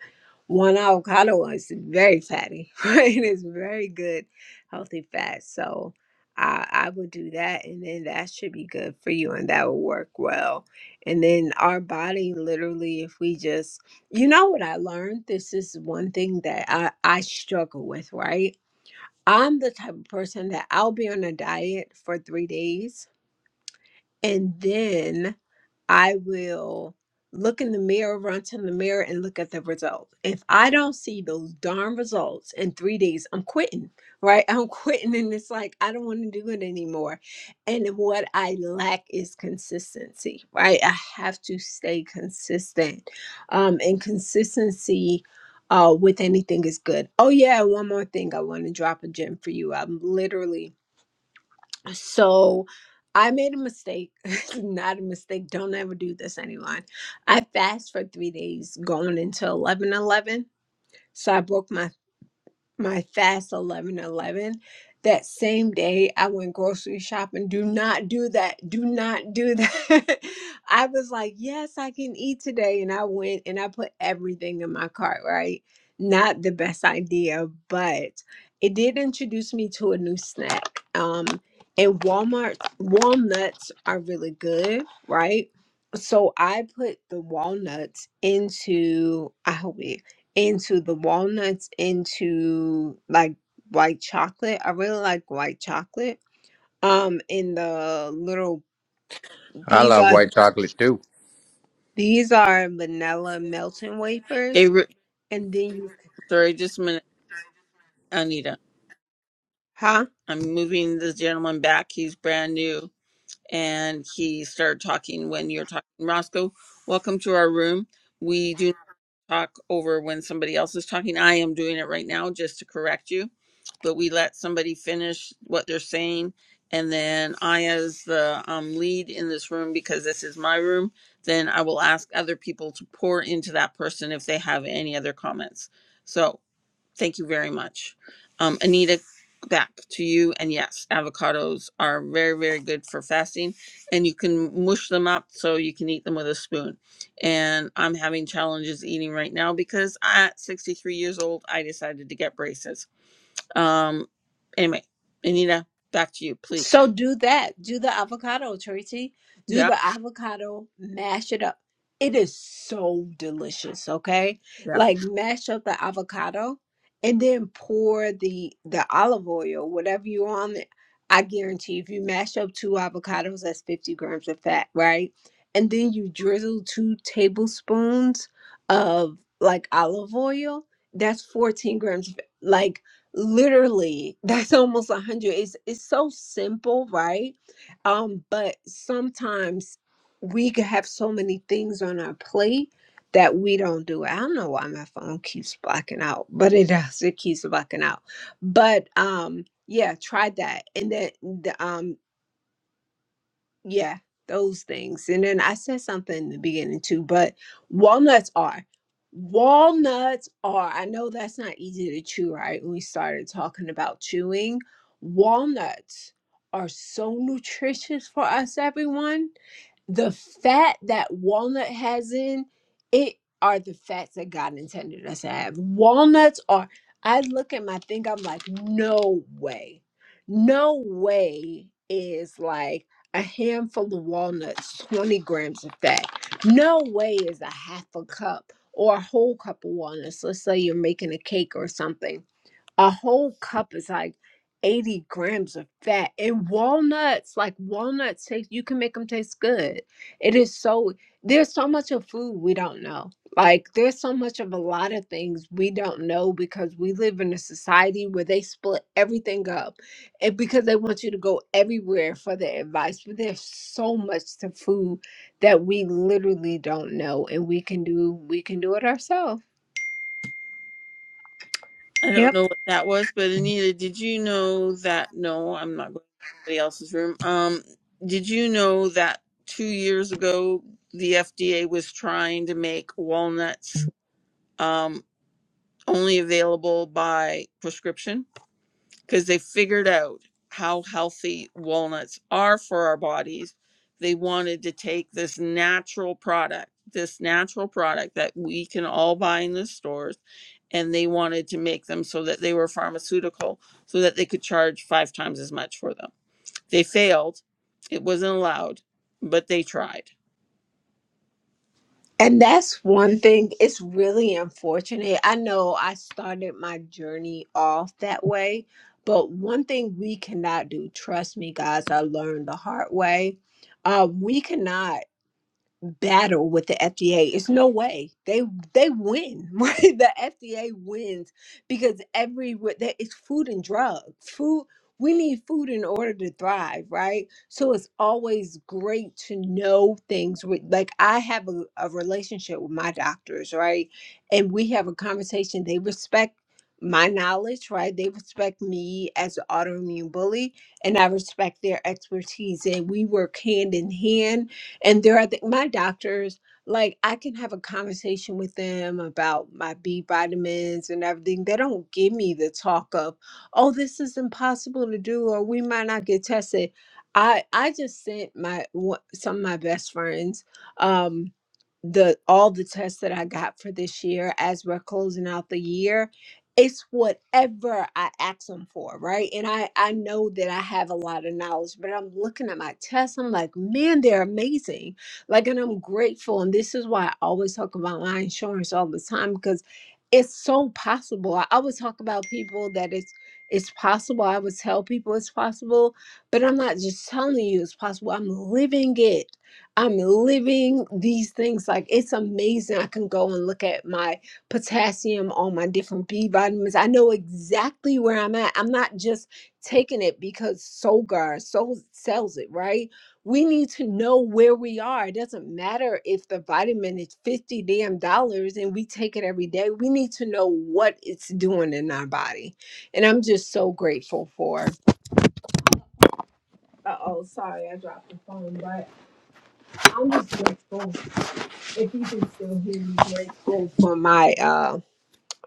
S6: one avocado is very fatty, right? It's very good, healthy fat. So I, I would do that, and then that should be good for you, and that will work well. And then our body, literally, if we just, you know, what I learned, this is one thing that I, I struggle with, right? I'm the type of person that I'll be on a diet for three days, and then I will look in the mirror, run to the mirror, and look at the results. If I don't see those darn results in three days, I'm quitting, right? I'm quitting, and it's like, I don't want to do it anymore. And what I lack is consistency, right? I have to stay consistent. Um, and consistency. Uh, with anything is good. Oh yeah, one more thing. I want to drop a gem for you. I'm literally so I made a mistake. Not a mistake. Don't ever do this, anyone. I fast for three days going until eleven eleven. So I broke my my fast 11 11 that same day i went grocery shopping do not do that do not do that i was like yes i can eat today and i went and i put everything in my cart right not the best idea but it did introduce me to a new snack um and walmart walnuts are really good right so i put the walnuts into i hope it into the walnuts into like white chocolate. I really like white chocolate. Um, in the little
S7: I
S6: these
S7: love
S6: are
S7: white chocolate too.
S6: these are vanilla melting
S1: Hey,
S6: wafers,
S1: Ru-
S6: and then you
S1: sorry, just a minute, Anita.
S6: huh?
S1: I'm moving this gentleman back. He's brand new, and he started talking when you're talking. Roscoe, welcome to our room. We do not talk over when somebody else is talking. I am doing it right now just to correct you, but we let somebody finish what they're saying, and then I, as the um, lead in this room, because this is my room, then I will ask other people to pour into that person if they have any other comments. So. Thank you very much. Um, Anita, back to you. And yes, avocados are very, very good for fasting. And you can mush them up so you can eat them with a spoon. And I'm having challenges eating right now because at 63 years old, I decided to get braces. Um, anyway, Anita, back to you, please.
S6: So do that. Do the avocado, Tracy. Do
S1: Yeah.
S6: the avocado, mash it up. It is so delicious, okay? Like mash up the avocado and then pour the the olive oil, whatever you want. it. I guarantee if you mash up two avocados, that's 50 grams of fat, right? And then you drizzle two tablespoons of like olive oil, that's 14 grams of like literally that's almost a hundred it's it's so simple right um but sometimes we could have so many things on our plate that we don't do it. i don't know why my phone keeps blacking out but it does it keeps blacking out but um yeah try that and then the, um, yeah, those things. And then I said something in the beginning too, but walnuts are. Walnuts are. I know that's not easy to chew, right? When we started talking about chewing, walnuts are so nutritious for us, everyone the fat that walnut has in it are the fats that God intended us to have. Walnuts are, I look at my thing, I'm like, no way. No way is like a handful of walnuts, 20 grams of fat. No way is a half a cup or a whole cup of walnuts. Let's say you're making a cake or something a whole cup is like 80 grams of fat and walnuts like walnuts taste you can make them taste good it is so there's so much of food we don't know like there's so much of a lot of things we don't know because we live in a society where they split everything up and because they want you to go everywhere for their advice but there's so much to food that we literally don't know and we can do we can do it ourselves
S1: I don't
S6: yep
S1: know what that was, but Anita, did you know that? No, I'm not going to anybody else's room. Um, did you know that two years ago the FDA was trying to make walnuts um, only available by prescription? because they figured out how healthy walnuts are for our bodies. They wanted to take this natural product, this natural product that we can all buy in the stores, and they wanted to make them so that they were pharmaceutical, so that they could charge five times as much for them. They failed. It wasn't allowed, but they tried.
S6: And that's one thing. It's really unfortunate. I know I started my journey off that way, but one thing we cannot do, trust me, guys, I learned the hard way. Uh, we cannot battle with the FDA. It's no way. They they win. the FDA wins because every that it's food and drugs. Food we need food in order to thrive, right? So it's always great to know things with like I have a, a relationship with my doctors, right? And we have a conversation. They respect my knowledge, right? They respect me as an autoimmune bully and I respect their expertise and we work hand in hand and there are th- my doctors like i can have a conversation with them about my b vitamins and everything they don't give me the talk of oh this is impossible to do or we might not get tested i i just sent my one- some of my best friends um the all the tests that i got for this year as we're closing out the year it's whatever I ask them for, right? And I I know that I have a lot of knowledge, but I'm looking at my tests. I'm like, man, they're amazing. Like, and I'm grateful. And this is why I always talk about my insurance all the time because it's so possible. I always talk about people that it's it's possible. I would tell people it's possible, but I'm not just telling you it's possible. I'm living it. I'm living these things. Like it's amazing. I can go and look at my potassium, all my different B vitamins. I know exactly where I'm at. I'm not just taking it because Solgar sold, sells it, right? We need to know where we are. It doesn't matter if the vitamin is 50 damn dollars and we take it every day. We need to know what it's doing in our body. And I'm just so grateful for. Uh oh, sorry, I dropped the phone, but I'm just grateful. If you can still hear me, grateful for my uh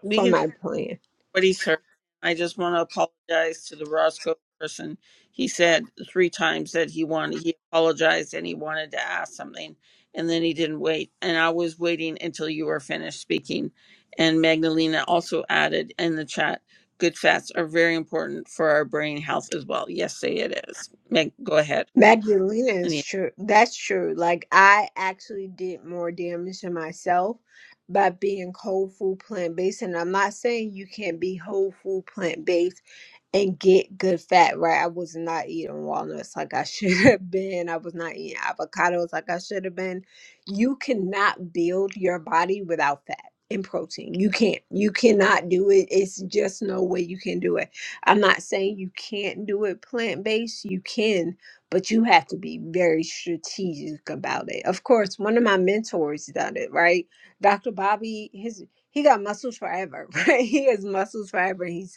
S1: We
S6: for
S1: can.
S6: my plan.
S1: What he sir, I just want to apologize to the Roscoe person. He said three times that he wanted, he apologized and he wanted to ask something, and then he didn't wait. And I was waiting until you were finished speaking. And Magdalena also added in the chat, good fats are very important for our brain health as well. Yes, say it is. Meg, go ahead.
S6: Magdalena is true. That's true. Like I actually did more damage to myself by being whole food plant based, and I'm not saying you can't be whole food plant based and get good fat right. I was not eating walnuts like I should have been. I was not eating avocados like I should have been. You cannot build your body without fat and protein. You can't. You cannot do it. It's just no way you can do it. I'm not saying you can't do it plant based. You can, but you have to be very strategic about it. Of course, one of my mentors done it, right? Dr. Bobby, his he got muscles forever, right? He has muscles forever. He's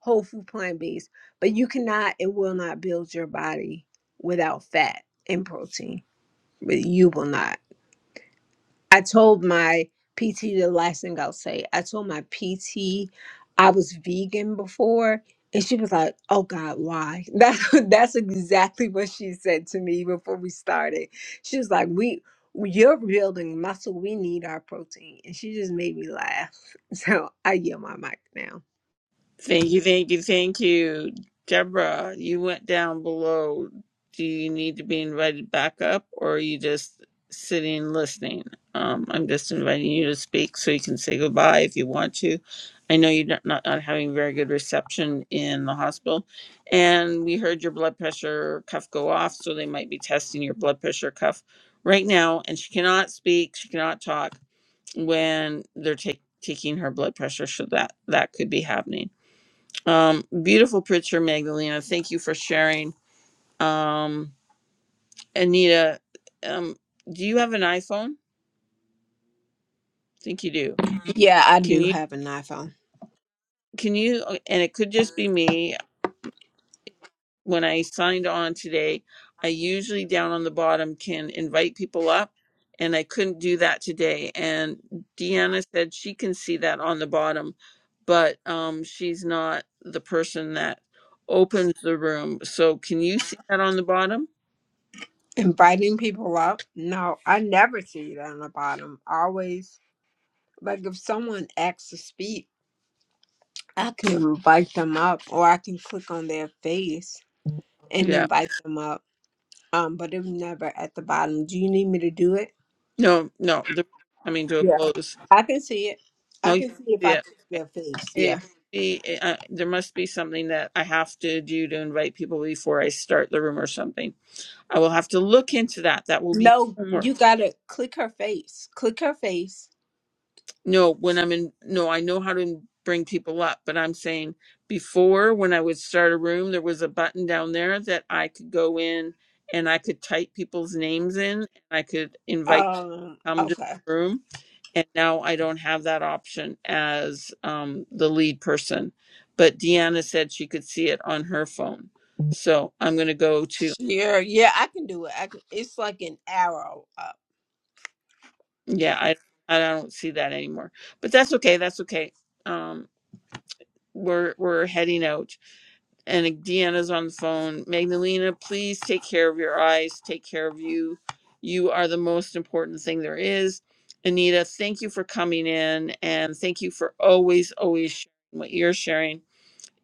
S6: whole food plant based, but you cannot and will not build your body without fat and protein. But you will not. I told my PT the last thing I'll say. I told my PT I was vegan before, and she was like, "Oh God, why?" That that's exactly what she said to me before we started. She was like, "We." You're building muscle. We need our protein, and she just made me laugh. So I yield my mic now.
S1: Thank you, thank you, thank you. Deborah, you went down below. Do you need to be invited back up or are you just sitting and listening? Um, I'm just inviting you to speak so you can say goodbye if you want to. I know you're not, not, not having very good reception in the hospital. And we heard your blood pressure cuff go off, so they might be testing your blood pressure cuff right now. And she cannot speak, she cannot talk when they're take, taking her blood pressure, so that, that could be happening. Um, beautiful picture, Magdalena. Thank you for sharing. Um, Anita, um, do you have an iPhone? I think you do.
S6: Yeah, I
S1: Can
S6: do
S1: you?
S6: have an iPhone.
S1: Can you? And it could just be me. when I signed on today, I usually down on the bottom can invite people up, and I couldn't do that today. And Deanna said she can see that on the bottom, but um, she's not the person that opens the room. So can you see that on the bottom?
S6: Inviting people up? No, I never see it on the bottom. I Always, like if someone asks to speak, I can invite them up or I can click on their face and
S1: Yeah.
S6: invite them up. Um, but it was never at the bottom. Do you need me to do it?
S1: No, no, the coming to a
S6: Yeah.
S1: close.
S6: I can see it. I
S1: No, you
S6: can see if I
S1: yeah.
S6: click
S1: Okay.
S6: their face.
S1: It
S6: Yeah.
S1: must be, uh, there must be something that I have to do to invite people before I start the room or something. I will have to look into that. That will be
S6: No,
S1: homework.
S6: you gotta click her face. Click her face.
S1: No, when I'm in, no, I know how to bring people up, but I'm saying before when I would start a room, there was a button down there that I could go in and I could type people's names in and I could invite
S6: Um,
S1: them to
S6: okay.
S1: the room and now I don't have that option as um, the lead person. But Deanna said she could see it on her phone, so I'm going to go to
S6: Share. Yeah, I can do it. I can, it's like an arrow. uh,
S1: yeah. I I don't see that anymore, but that's okay. That's okay. Um, we're we're heading out, and Deanna's on the phone. Magdalena, please take care of your eyes. Take care of you. You are the most important thing there is. Anita, thank you for coming in, and thank you for always always sharing what you're sharing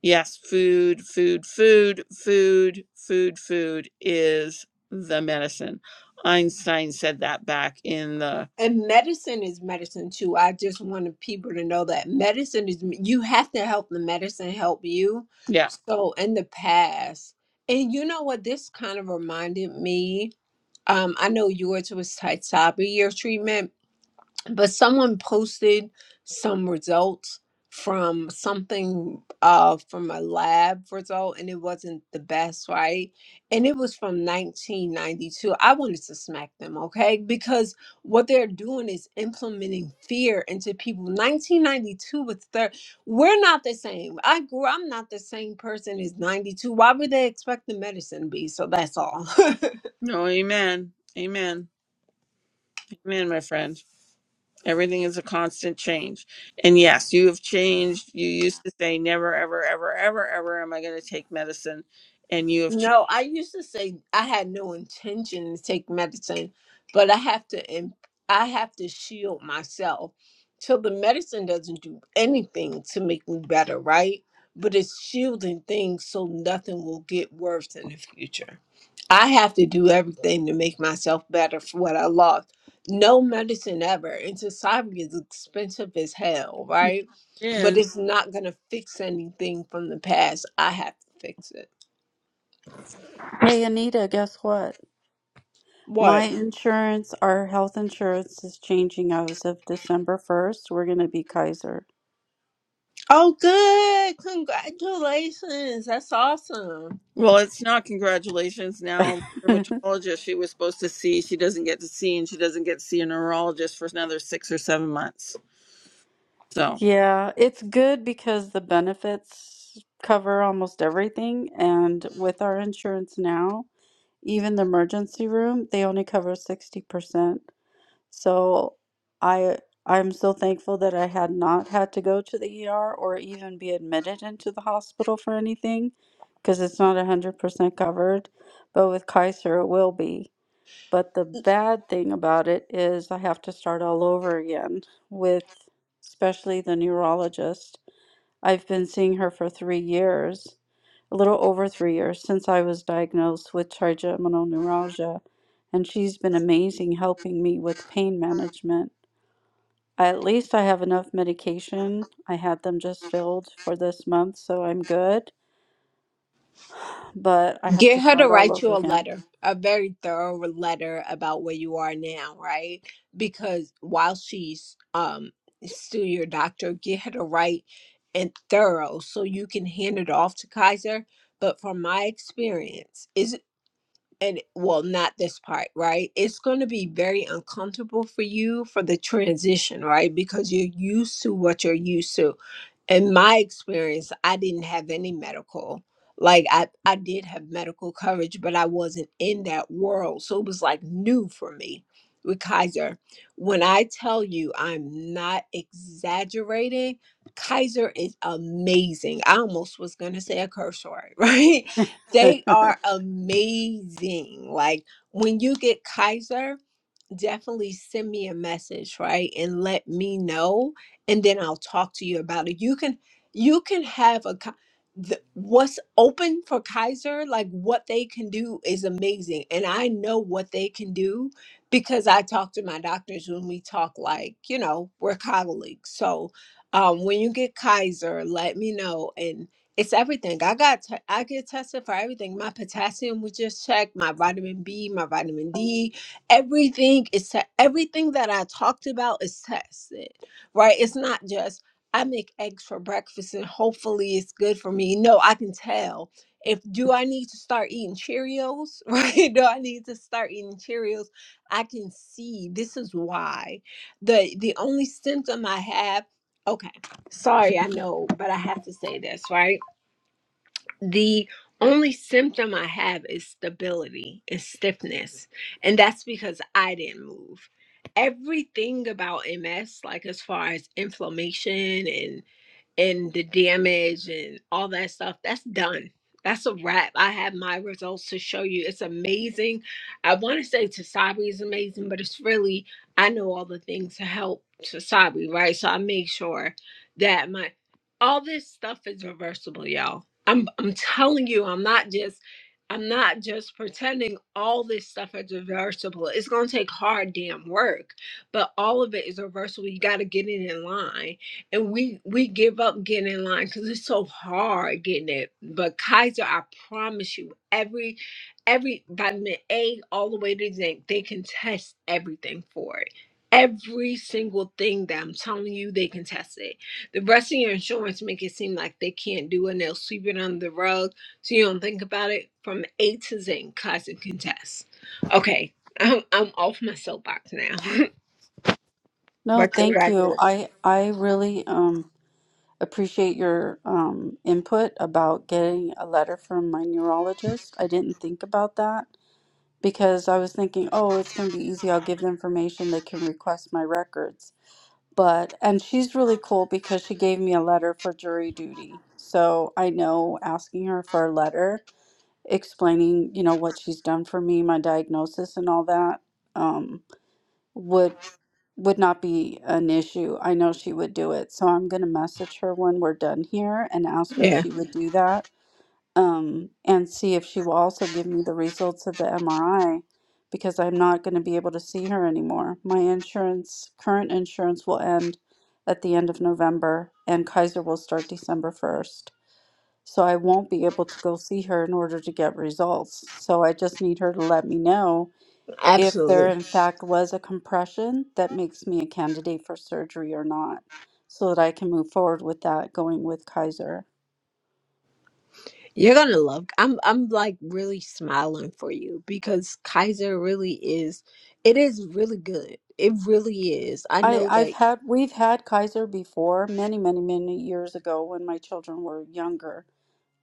S1: Yes, food, food, food, food, food, food is the medicine. Einstein said that back in the,
S6: And medicine is medicine too. I just wanted people to know that medicine is, you have to help the medicine help you.
S1: yeah.
S6: So in the past, and you know what, this kind of reminded me. Um, I know yours was Tysabri, your treatment but someone posted some results from something uh from a lab result and it wasn't the best right and it was from 1992 i wanted to smack them okay because what they're doing is implementing fear into people 1992 was third we're not the same i grew i'm not the same person as 92 why would they expect the medicine to be so that's all
S1: No, amen. Amen. Amen, my friend. Everything is a constant change. And yes, you have changed. You used to say, never, ever, ever, ever, ever am I going to take medicine. And you have changed.
S6: No, I used to say I had no intention to take medicine, but I have to im- I have to shield myself till the medicine doesn't do anything to make me better, right? But it's shielding things so nothing will get worse in the future. I have to do everything to make myself better for what I lost. No medicine ever. And society is expensive as hell, right? But
S1: is
S6: it's not gonna fix anything from the past. I have to fix it.
S2: Hey, Anita, guess what?
S6: What?
S2: My insurance, our health insurance is changing as of December 1st. We're going to be Kaiser.
S6: Oh, good. Congratulations. That's awesome.
S1: well it's not congratulations now the rheumatologist she was supposed to see she doesn't get to see and she doesn't get to see a neurologist for another six or seven months so
S2: Yeah, it's good because the benefits cover almost everything. And with our insurance now, even the emergency room, they only cover 60%. So I I'm so thankful that I had not had to go to the ER or even be admitted into the hospital for anything because it's not 100% covered. But with Kaiser, it will be. But the bad thing about it is I have to start all over again with especially the neurologist. I've been seeing her for three years, a little over three years since I was diagnosed with trigeminal neuralgia, and she's been amazing helping me with pain management. At least I have enough medication. I had them just filled for this month, so I'm good, but I have
S6: Get
S2: to
S6: her to
S2: start all
S6: write you
S2: over
S6: a
S2: again.
S6: letter, a very thorough letter about where you are now, right? Because while she's um still your doctor, get her to write and thorough so you can hand it off to Kaiser. But from my experience, is and well, not this part, right? It's going to be very uncomfortable for you for the transition, right? Because you're used to what you're used to in my experience, I didn't have any medical. Like I, I did have medical coverage, but I wasn't in that world. So it was like new for me with Kaiser. When I tell you I'm not exaggerating, Kaiser is amazing. I almost was gonna say a curse word, right? They are amazing. Like when you get Kaiser, definitely send me a message, right? And let me know and then I'll talk to you about it. You can you can have a co- the, what's open for Kaiser, like what they can do is amazing. And I know what they can do because I talk to my doctors when we talk like, you know, we're colleagues. So um when you get Kaiser, let me know and it's everything. I got t- I get tested for everything. My potassium was just checked, my vitamin B, my vitamin D everything is te- everything that I talked about is tested, right? It's not just I make eggs for breakfast and hopefully it's good for me. No, I can tell if do I need to start eating Cheerios, right? Do I need to start eating Cheerios? I can see this is why the the only symptom I have. Okay, sorry, I know, but I have to say this, right? the only symptom I have is stability and stiffness. And that's because I didn't move. Everything about MS, like as far as inflammation and and the damage and all that stuff, that's done. That's a wrap. I have my results to show you. It's amazing. I want to say Tasabi is amazing, but it's really, I know all the things to help Tasabi, right? So I make sure that my, all this stuff is reversible, y'all. I'm, I'm telling you, I'm not just, I'm not just pretending all this stuff is reversible. It's going to take hard damn work, but all of it is reversible. You got to get it in line and we we give up getting in line because it's so hard getting it. But Kaiser, I promise you, every every vitamin A all the way to zinc, they can test everything for it. Every single thing that I'm telling you, they can test it. The rest of your insurance make it seem like they can't do it and they'll sweep it under the rug so you don't think about it. From A to zinc, Kaiser can test. Okay, I'm, I'm off my soapbox now.
S2: No,
S6: but
S2: thank you.
S6: congratulations.
S2: I I really um appreciate your um, input about getting a letter from my neurologist. I didn't think about that because I was thinking, oh, it's going to be easy. I'll give the information. They can request my records. But, and she's really cool because she gave me a letter for jury duty. So I know asking her for a letter explaining, you know, what she's done for me, my diagnosis, and all that um, would would not be an issue. I know she would do it. So I'm going to message her when we're done here and ask her if
S6: Yeah,
S2: she would do that um, and see if she will also give me the results of the MRI because I'm not going to be able to see her anymore. My insurance, current insurance, will end at the end of November and Kaiser will start December 1st. So I won't be able to go see her in order to get results. So I just need her to let me know if
S6: absolutely.
S2: there in fact was a compression that makes me a candidate for surgery or not, so that I can move forward with that going with Kaiser.
S6: You're gonna love. I'm I'm like really smiling for you because Kaiser really is. It is really good. It really is. I
S2: I,
S6: know that.
S2: I've had we've had Kaiser before many, many, many years ago when my children were younger.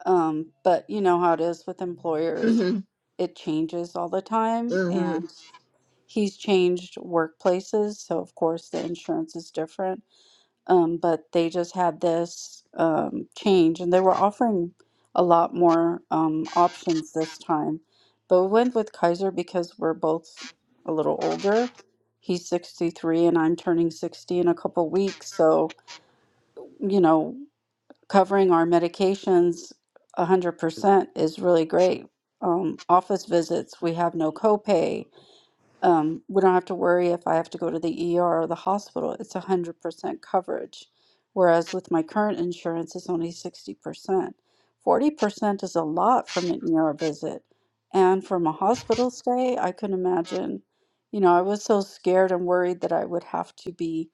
S2: Um, but you know how it is with employers.
S6: hmm
S2: It changes all the time and he's changed workplaces, so of course the insurance is different. um, but they just had this um, change and they were offering a lot more um, options this time. But we went with Kaiser because we're both a little older. He's 63 and I'm turning 60 in a couple weeks. So, you know, covering our medications 100% is really great. Um, office visits, we have no copay um, we don't have to worry if I have to go to the ER or the hospital. It's 100% coverage. Whereas with my current insurance, it's only 60%. 40% is a lot from an ER visit. And from a hospital stay, I could not imagine, you know, I was so scared and worried that I would have to be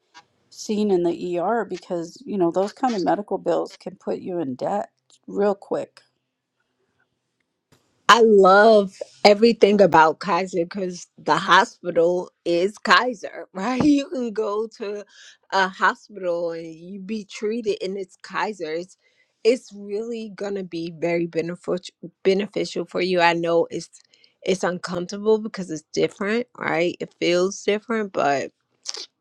S2: seen in the ER because, you know, those kind of medical bills can put you in debt real quick.
S6: I love everything about Kaiser because the hospital is Kaiser, right? You can go to a hospital and you be treated, and it's Kaiser. It's, it's really gonna be very beneficial beneficial for you. I know it's it's uncomfortable because it's different, right? It feels different, but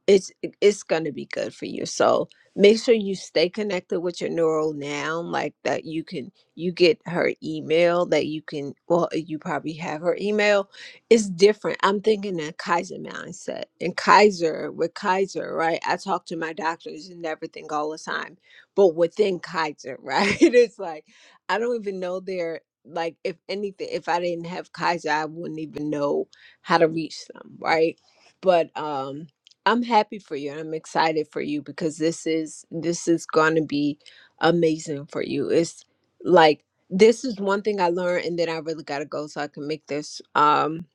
S6: it's it's going to be good for you so make sure you stay connected with your neural now like that you can you get her email that you can well you probably have her email it's different i'm thinking that kaiser mindset and kaiser with kaiser right i talk to my doctors and everything all the time but within kaiser right it's like i don't even know their like if anything if i didn't have kaiser i wouldn't even know how to reach them right but um I'm happy for you. I'm excited for you because this is this is going to be amazing for you. It's like this is one thing I learned and then I really got to go so I can make this um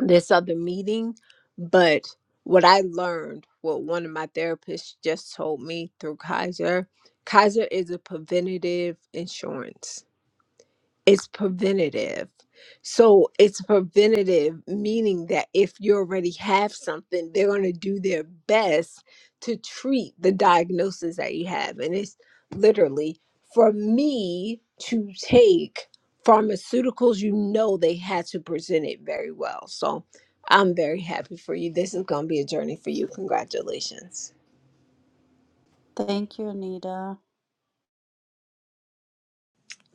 S6: this other meeting, but what I learned, what one of my therapists just told me through Kaiser, Kaiser is a preventative insurance it's preventative. So it's preventative, meaning that if you already have something, they're going to do their best to treat the diagnosis that you have. And it's literally for me to take pharmaceuticals, you know, they had to present it very well. So I'm very happy for you. This is going to be a journey for you. Congratulations.
S2: Thank you, Anita.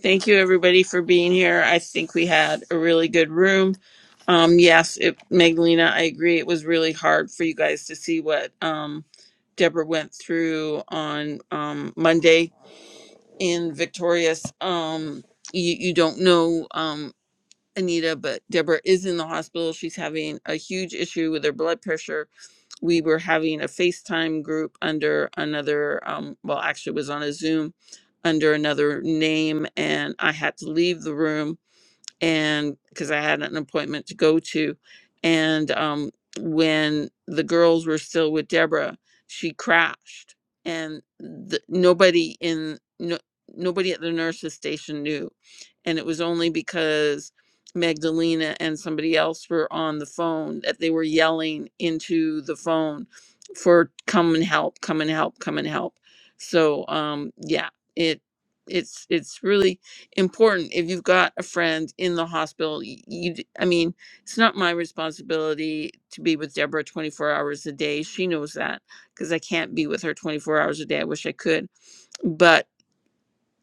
S1: Thank you, everybody, for being here. I think we had a really good room. Um, yes, it, Magdalena, I agree. It was really hard for you guys to see what um, Deborah went through on um, Monday in Victorious. Um, you, you don't know um, Anita, but Deborah is in the hospital. She's having a huge issue with her blood pressure we were having a FaceTime group under another, um, well, actually, it was on a Zoom under another name, and I had to leave the room and because I had an appointment to go to. And um, when the girls were still with Deborah, she crashed, and the, nobody in no, nobody at the nurses station knew, and it was only because Magdalena and somebody else were on the phone that they were yelling into the phone for come and help, come and help, come and help. So um, yeah, it it's it's really important if you've got a friend in the hospital y- you i mean it's not my responsibility to be with deborah 24 hours a day she knows that because i can't be with her 24 hours a day i wish i could but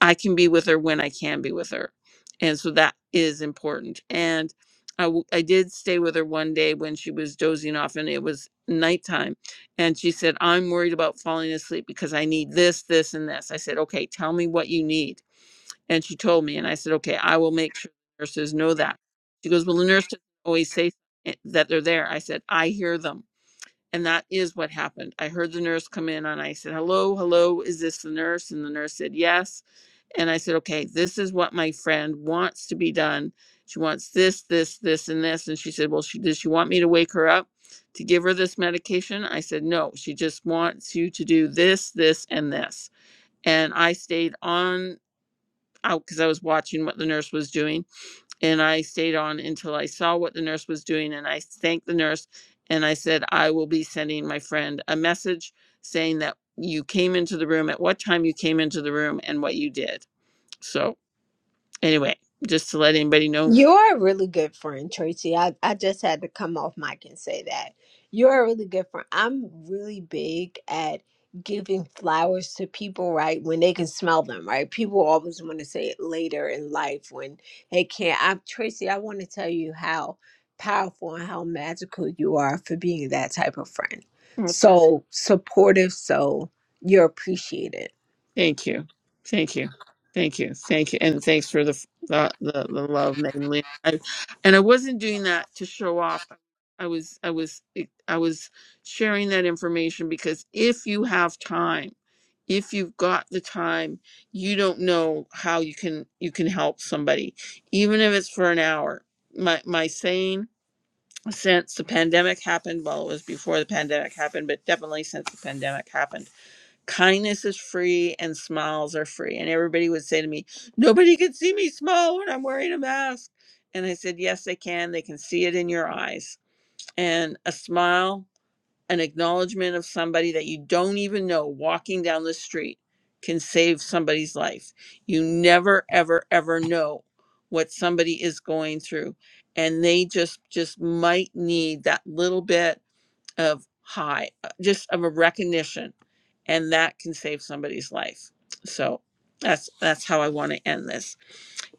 S1: i can be with her when i can be with her and so that is important and I, w- I did stay with her one day when she was dozing off and it was nighttime and she said i'm worried about falling asleep because i need this this and this i said okay tell me what you need and she told me, and I said, okay, I will make sure nurses know that. She goes, well, the nurse doesn't always say eh, that they're there. I said, I hear them. And that is what happened. I heard the nurse come in and I said, hello, hello, is this the nurse? And the nurse said, yes. And I said, okay, this is what my friend wants to be done. She wants this, this, this, and this. And she said, well, she, does she want me to wake her up to give her this medication? I said, no, she just wants you to do this, this, and this and I stayed on out because I was watching what the nurse was doing. And I stayed on until I saw what the nurse was doing. And I thanked the nurse and I said, I will be sending my friend a message saying that you came into the room, at what time you came into the room, and what you did. So, anyway, just to let anybody know.
S6: You're a really good friend, Tracy. I, I just had to come off mic and say that. You're a really good friend. I'm really big at giving flowers to people, right? When they can smell them, right? People always want to say it later in life when they can't. I, Tracy, I want to tell you how powerful and how magical you are for being that type of friend. So supportive, so you're appreciated.
S1: Thank you. Thank you. Thank you. Thank you. And thanks for the the, the, the love, mainly. I, and I wasn't doing that to show off. I was I was eh, I was sharing that information because if you have time, if you've got the time, you don't know how you can you can help somebody, even if it's for an hour. My my saying since the pandemic happened, well, it was before the pandemic happened, but definitely since the pandemic happened kindness is free and smiles are free. And everybody would say to me, Nobody can see me smile when I'm wearing a mask. And I said, Yes, they can. They can see it in your eyes. And a smile, an acknowledgement of somebody that you don't even know walking down the street can save somebody's life. You never, ever, ever know what somebody is going through. And they just just might need that little bit of high, uh, just of a recognition, and that can save somebody's life. So that's that's how I want to end this.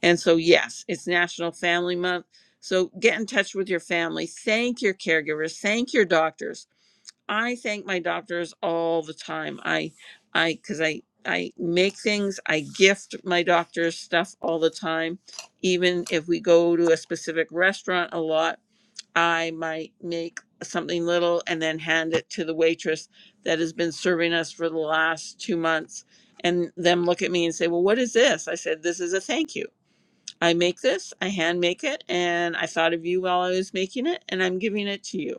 S1: And so yes, it's National Family Month. So get in touch with your family. Thank your caregivers. Thank your doctors. I thank my doctors all the time. I I because I I make things. I gift my doctors stuff all the time. Even if we go to a specific restaurant a lot, I might make something little and then hand it to the waitress that has been serving us for the last two months and them look at me and say, Well, what is this? I said, This is a thank you. I make this, I hand make it, and I thought of you while I was making it, and I'm giving it to you.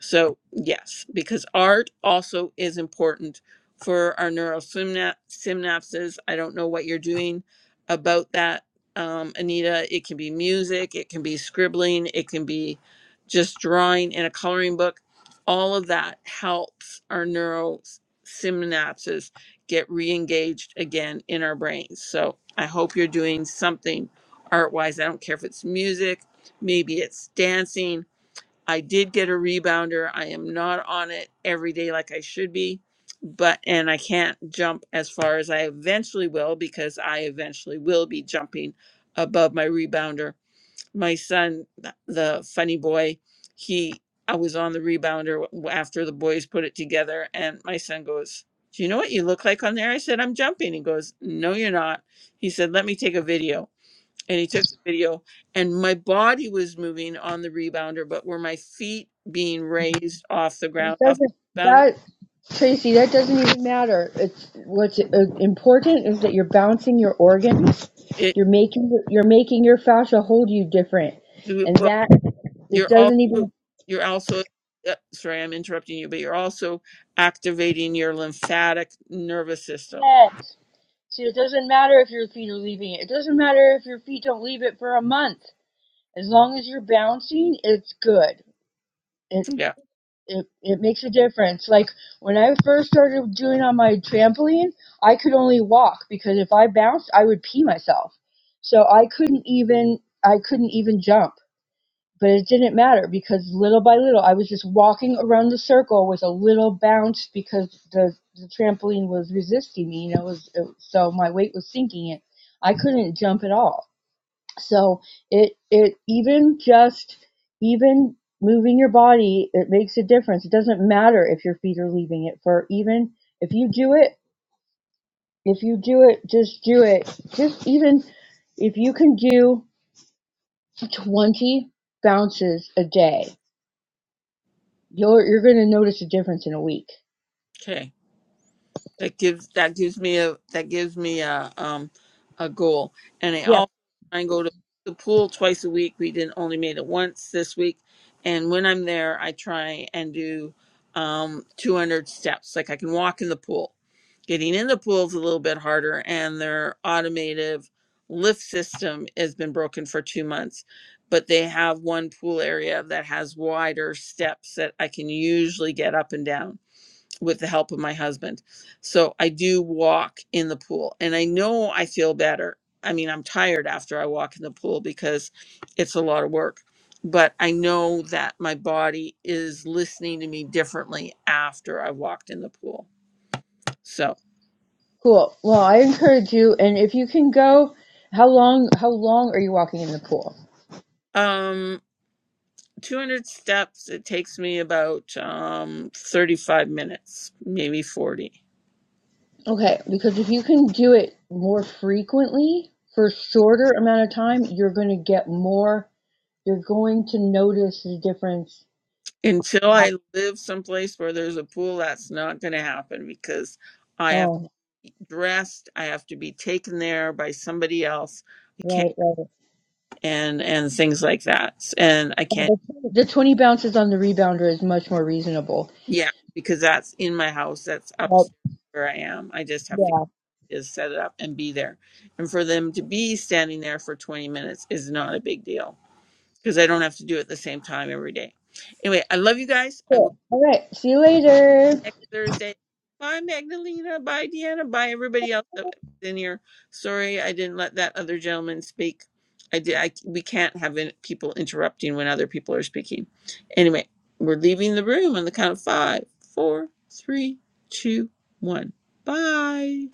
S1: So, yes, because art also is important for our neural synap- synapses. I don't know what you're doing about that, um, Anita. It can be music, it can be scribbling, it can be just drawing in a coloring book. All of that helps our neural s- synapses get re engaged again in our brains. So, I hope you're doing something art wise. I don't care if it's music, maybe it's dancing I did get a rebounder. I am not on it every day like I should be, but and I can't jump as far as I eventually will because I eventually will be jumping above my rebounder. My son, th- the funny boy, he I was on the rebounder w- after the boys put it together, and my son goes, "Do you know what you look like on there?" I said, "I'm jumping." He goes, "No, you're not." He said, "Let me take a video." and he took the video and my body was moving on the rebounder but were my feet being raised off the
S5: That
S1: ground off
S5: doesn't
S1: the rebounder
S5: that Tracy? That doesn't even matter. It's what's uh, important is that you're balancing your organs.
S1: it
S5: You're making you're making your fascia hold you different,
S1: it-
S5: and
S1: well
S5: that it
S1: you're also
S5: doesn't even.
S1: you're also uh, sorry i'm interrupting you but you're also activating your lymphatic nervous system
S5: Yes. See, it doesn't matter if your feet are leaving it. It doesn't matter if your feet don't leave it for a month. As long as you're bouncing, it's good.
S1: yeah
S5: it, it makes a difference. Like when I first started doing on my trampoline, I could only walk because if I bounced, I would pee myself. So I couldn't even I couldn't even jump. But it didn't matter because little by little, I was just walking around the circle with a little bounce because the the trampoline was resisting me. You know, it was, it, so my weight was sinking it. I couldn't jump at all so it it even just even moving your body, it makes a difference. It doesn't matter if your feet are leaving it for even if you do it, if you do it, just do it. Just even if you can do 20 bounces a day, you're you're going to notice a difference in a week.
S1: okay that gives that gives me a that gives me a um a goal and i
S5: Yeah,
S1: also try and go to the pool twice a week we didn't only made it once this week and when i'm there i try and do um 200 steps like i can walk in the pool getting in the pool is a little bit harder and their automated lift system has been broken for two months but they have one pool area that has wider steps that i can usually get up and down with the help of my husband. So I do walk in the pool and I know I feel better. I mean, I'm tired after I walk in the pool because it's a lot of work, but I know that my body is listening to me differently after I walked in the pool. So,
S5: cool. Well, I encourage you and if you can go how long how long are you walking in the pool?
S1: um 200 steps it takes me about um 35 minutes, maybe 40.
S5: Okay, because if you can do it more frequently for a shorter amount of time, you're going to get more. You're going to notice the difference.
S1: Until I live someplace where there's a pool, that's not going to happen because I have
S5: Oh,
S1: dressed. I have to be taken there by somebody else. I can't
S5: right, right.
S1: and and things like that. And I
S5: Yeah,
S1: can't
S5: The the 20 bounces on the rebounder is much more reasonable.
S1: yeah, because that's in my house. That's
S5: But
S1: upstairs where I am. I just have to
S5: yeah.
S1: just set it up and be there. And for them to be standing there for 20 minutes is not a big deal because I don't have to do it at the same time every day. Anyway, I love you guys. I will
S5: Cool. All right. See you later.
S1: next Thursday. Bye, Magdalena. Bye, Deanna. Bye, everybody else that was in here. Sorry, I didn't let that other gentleman speak. I did. I we can't have in, people interrupting when other people are speaking. Anyway, we're leaving the room on the count of five, four, three, two, one. Bye.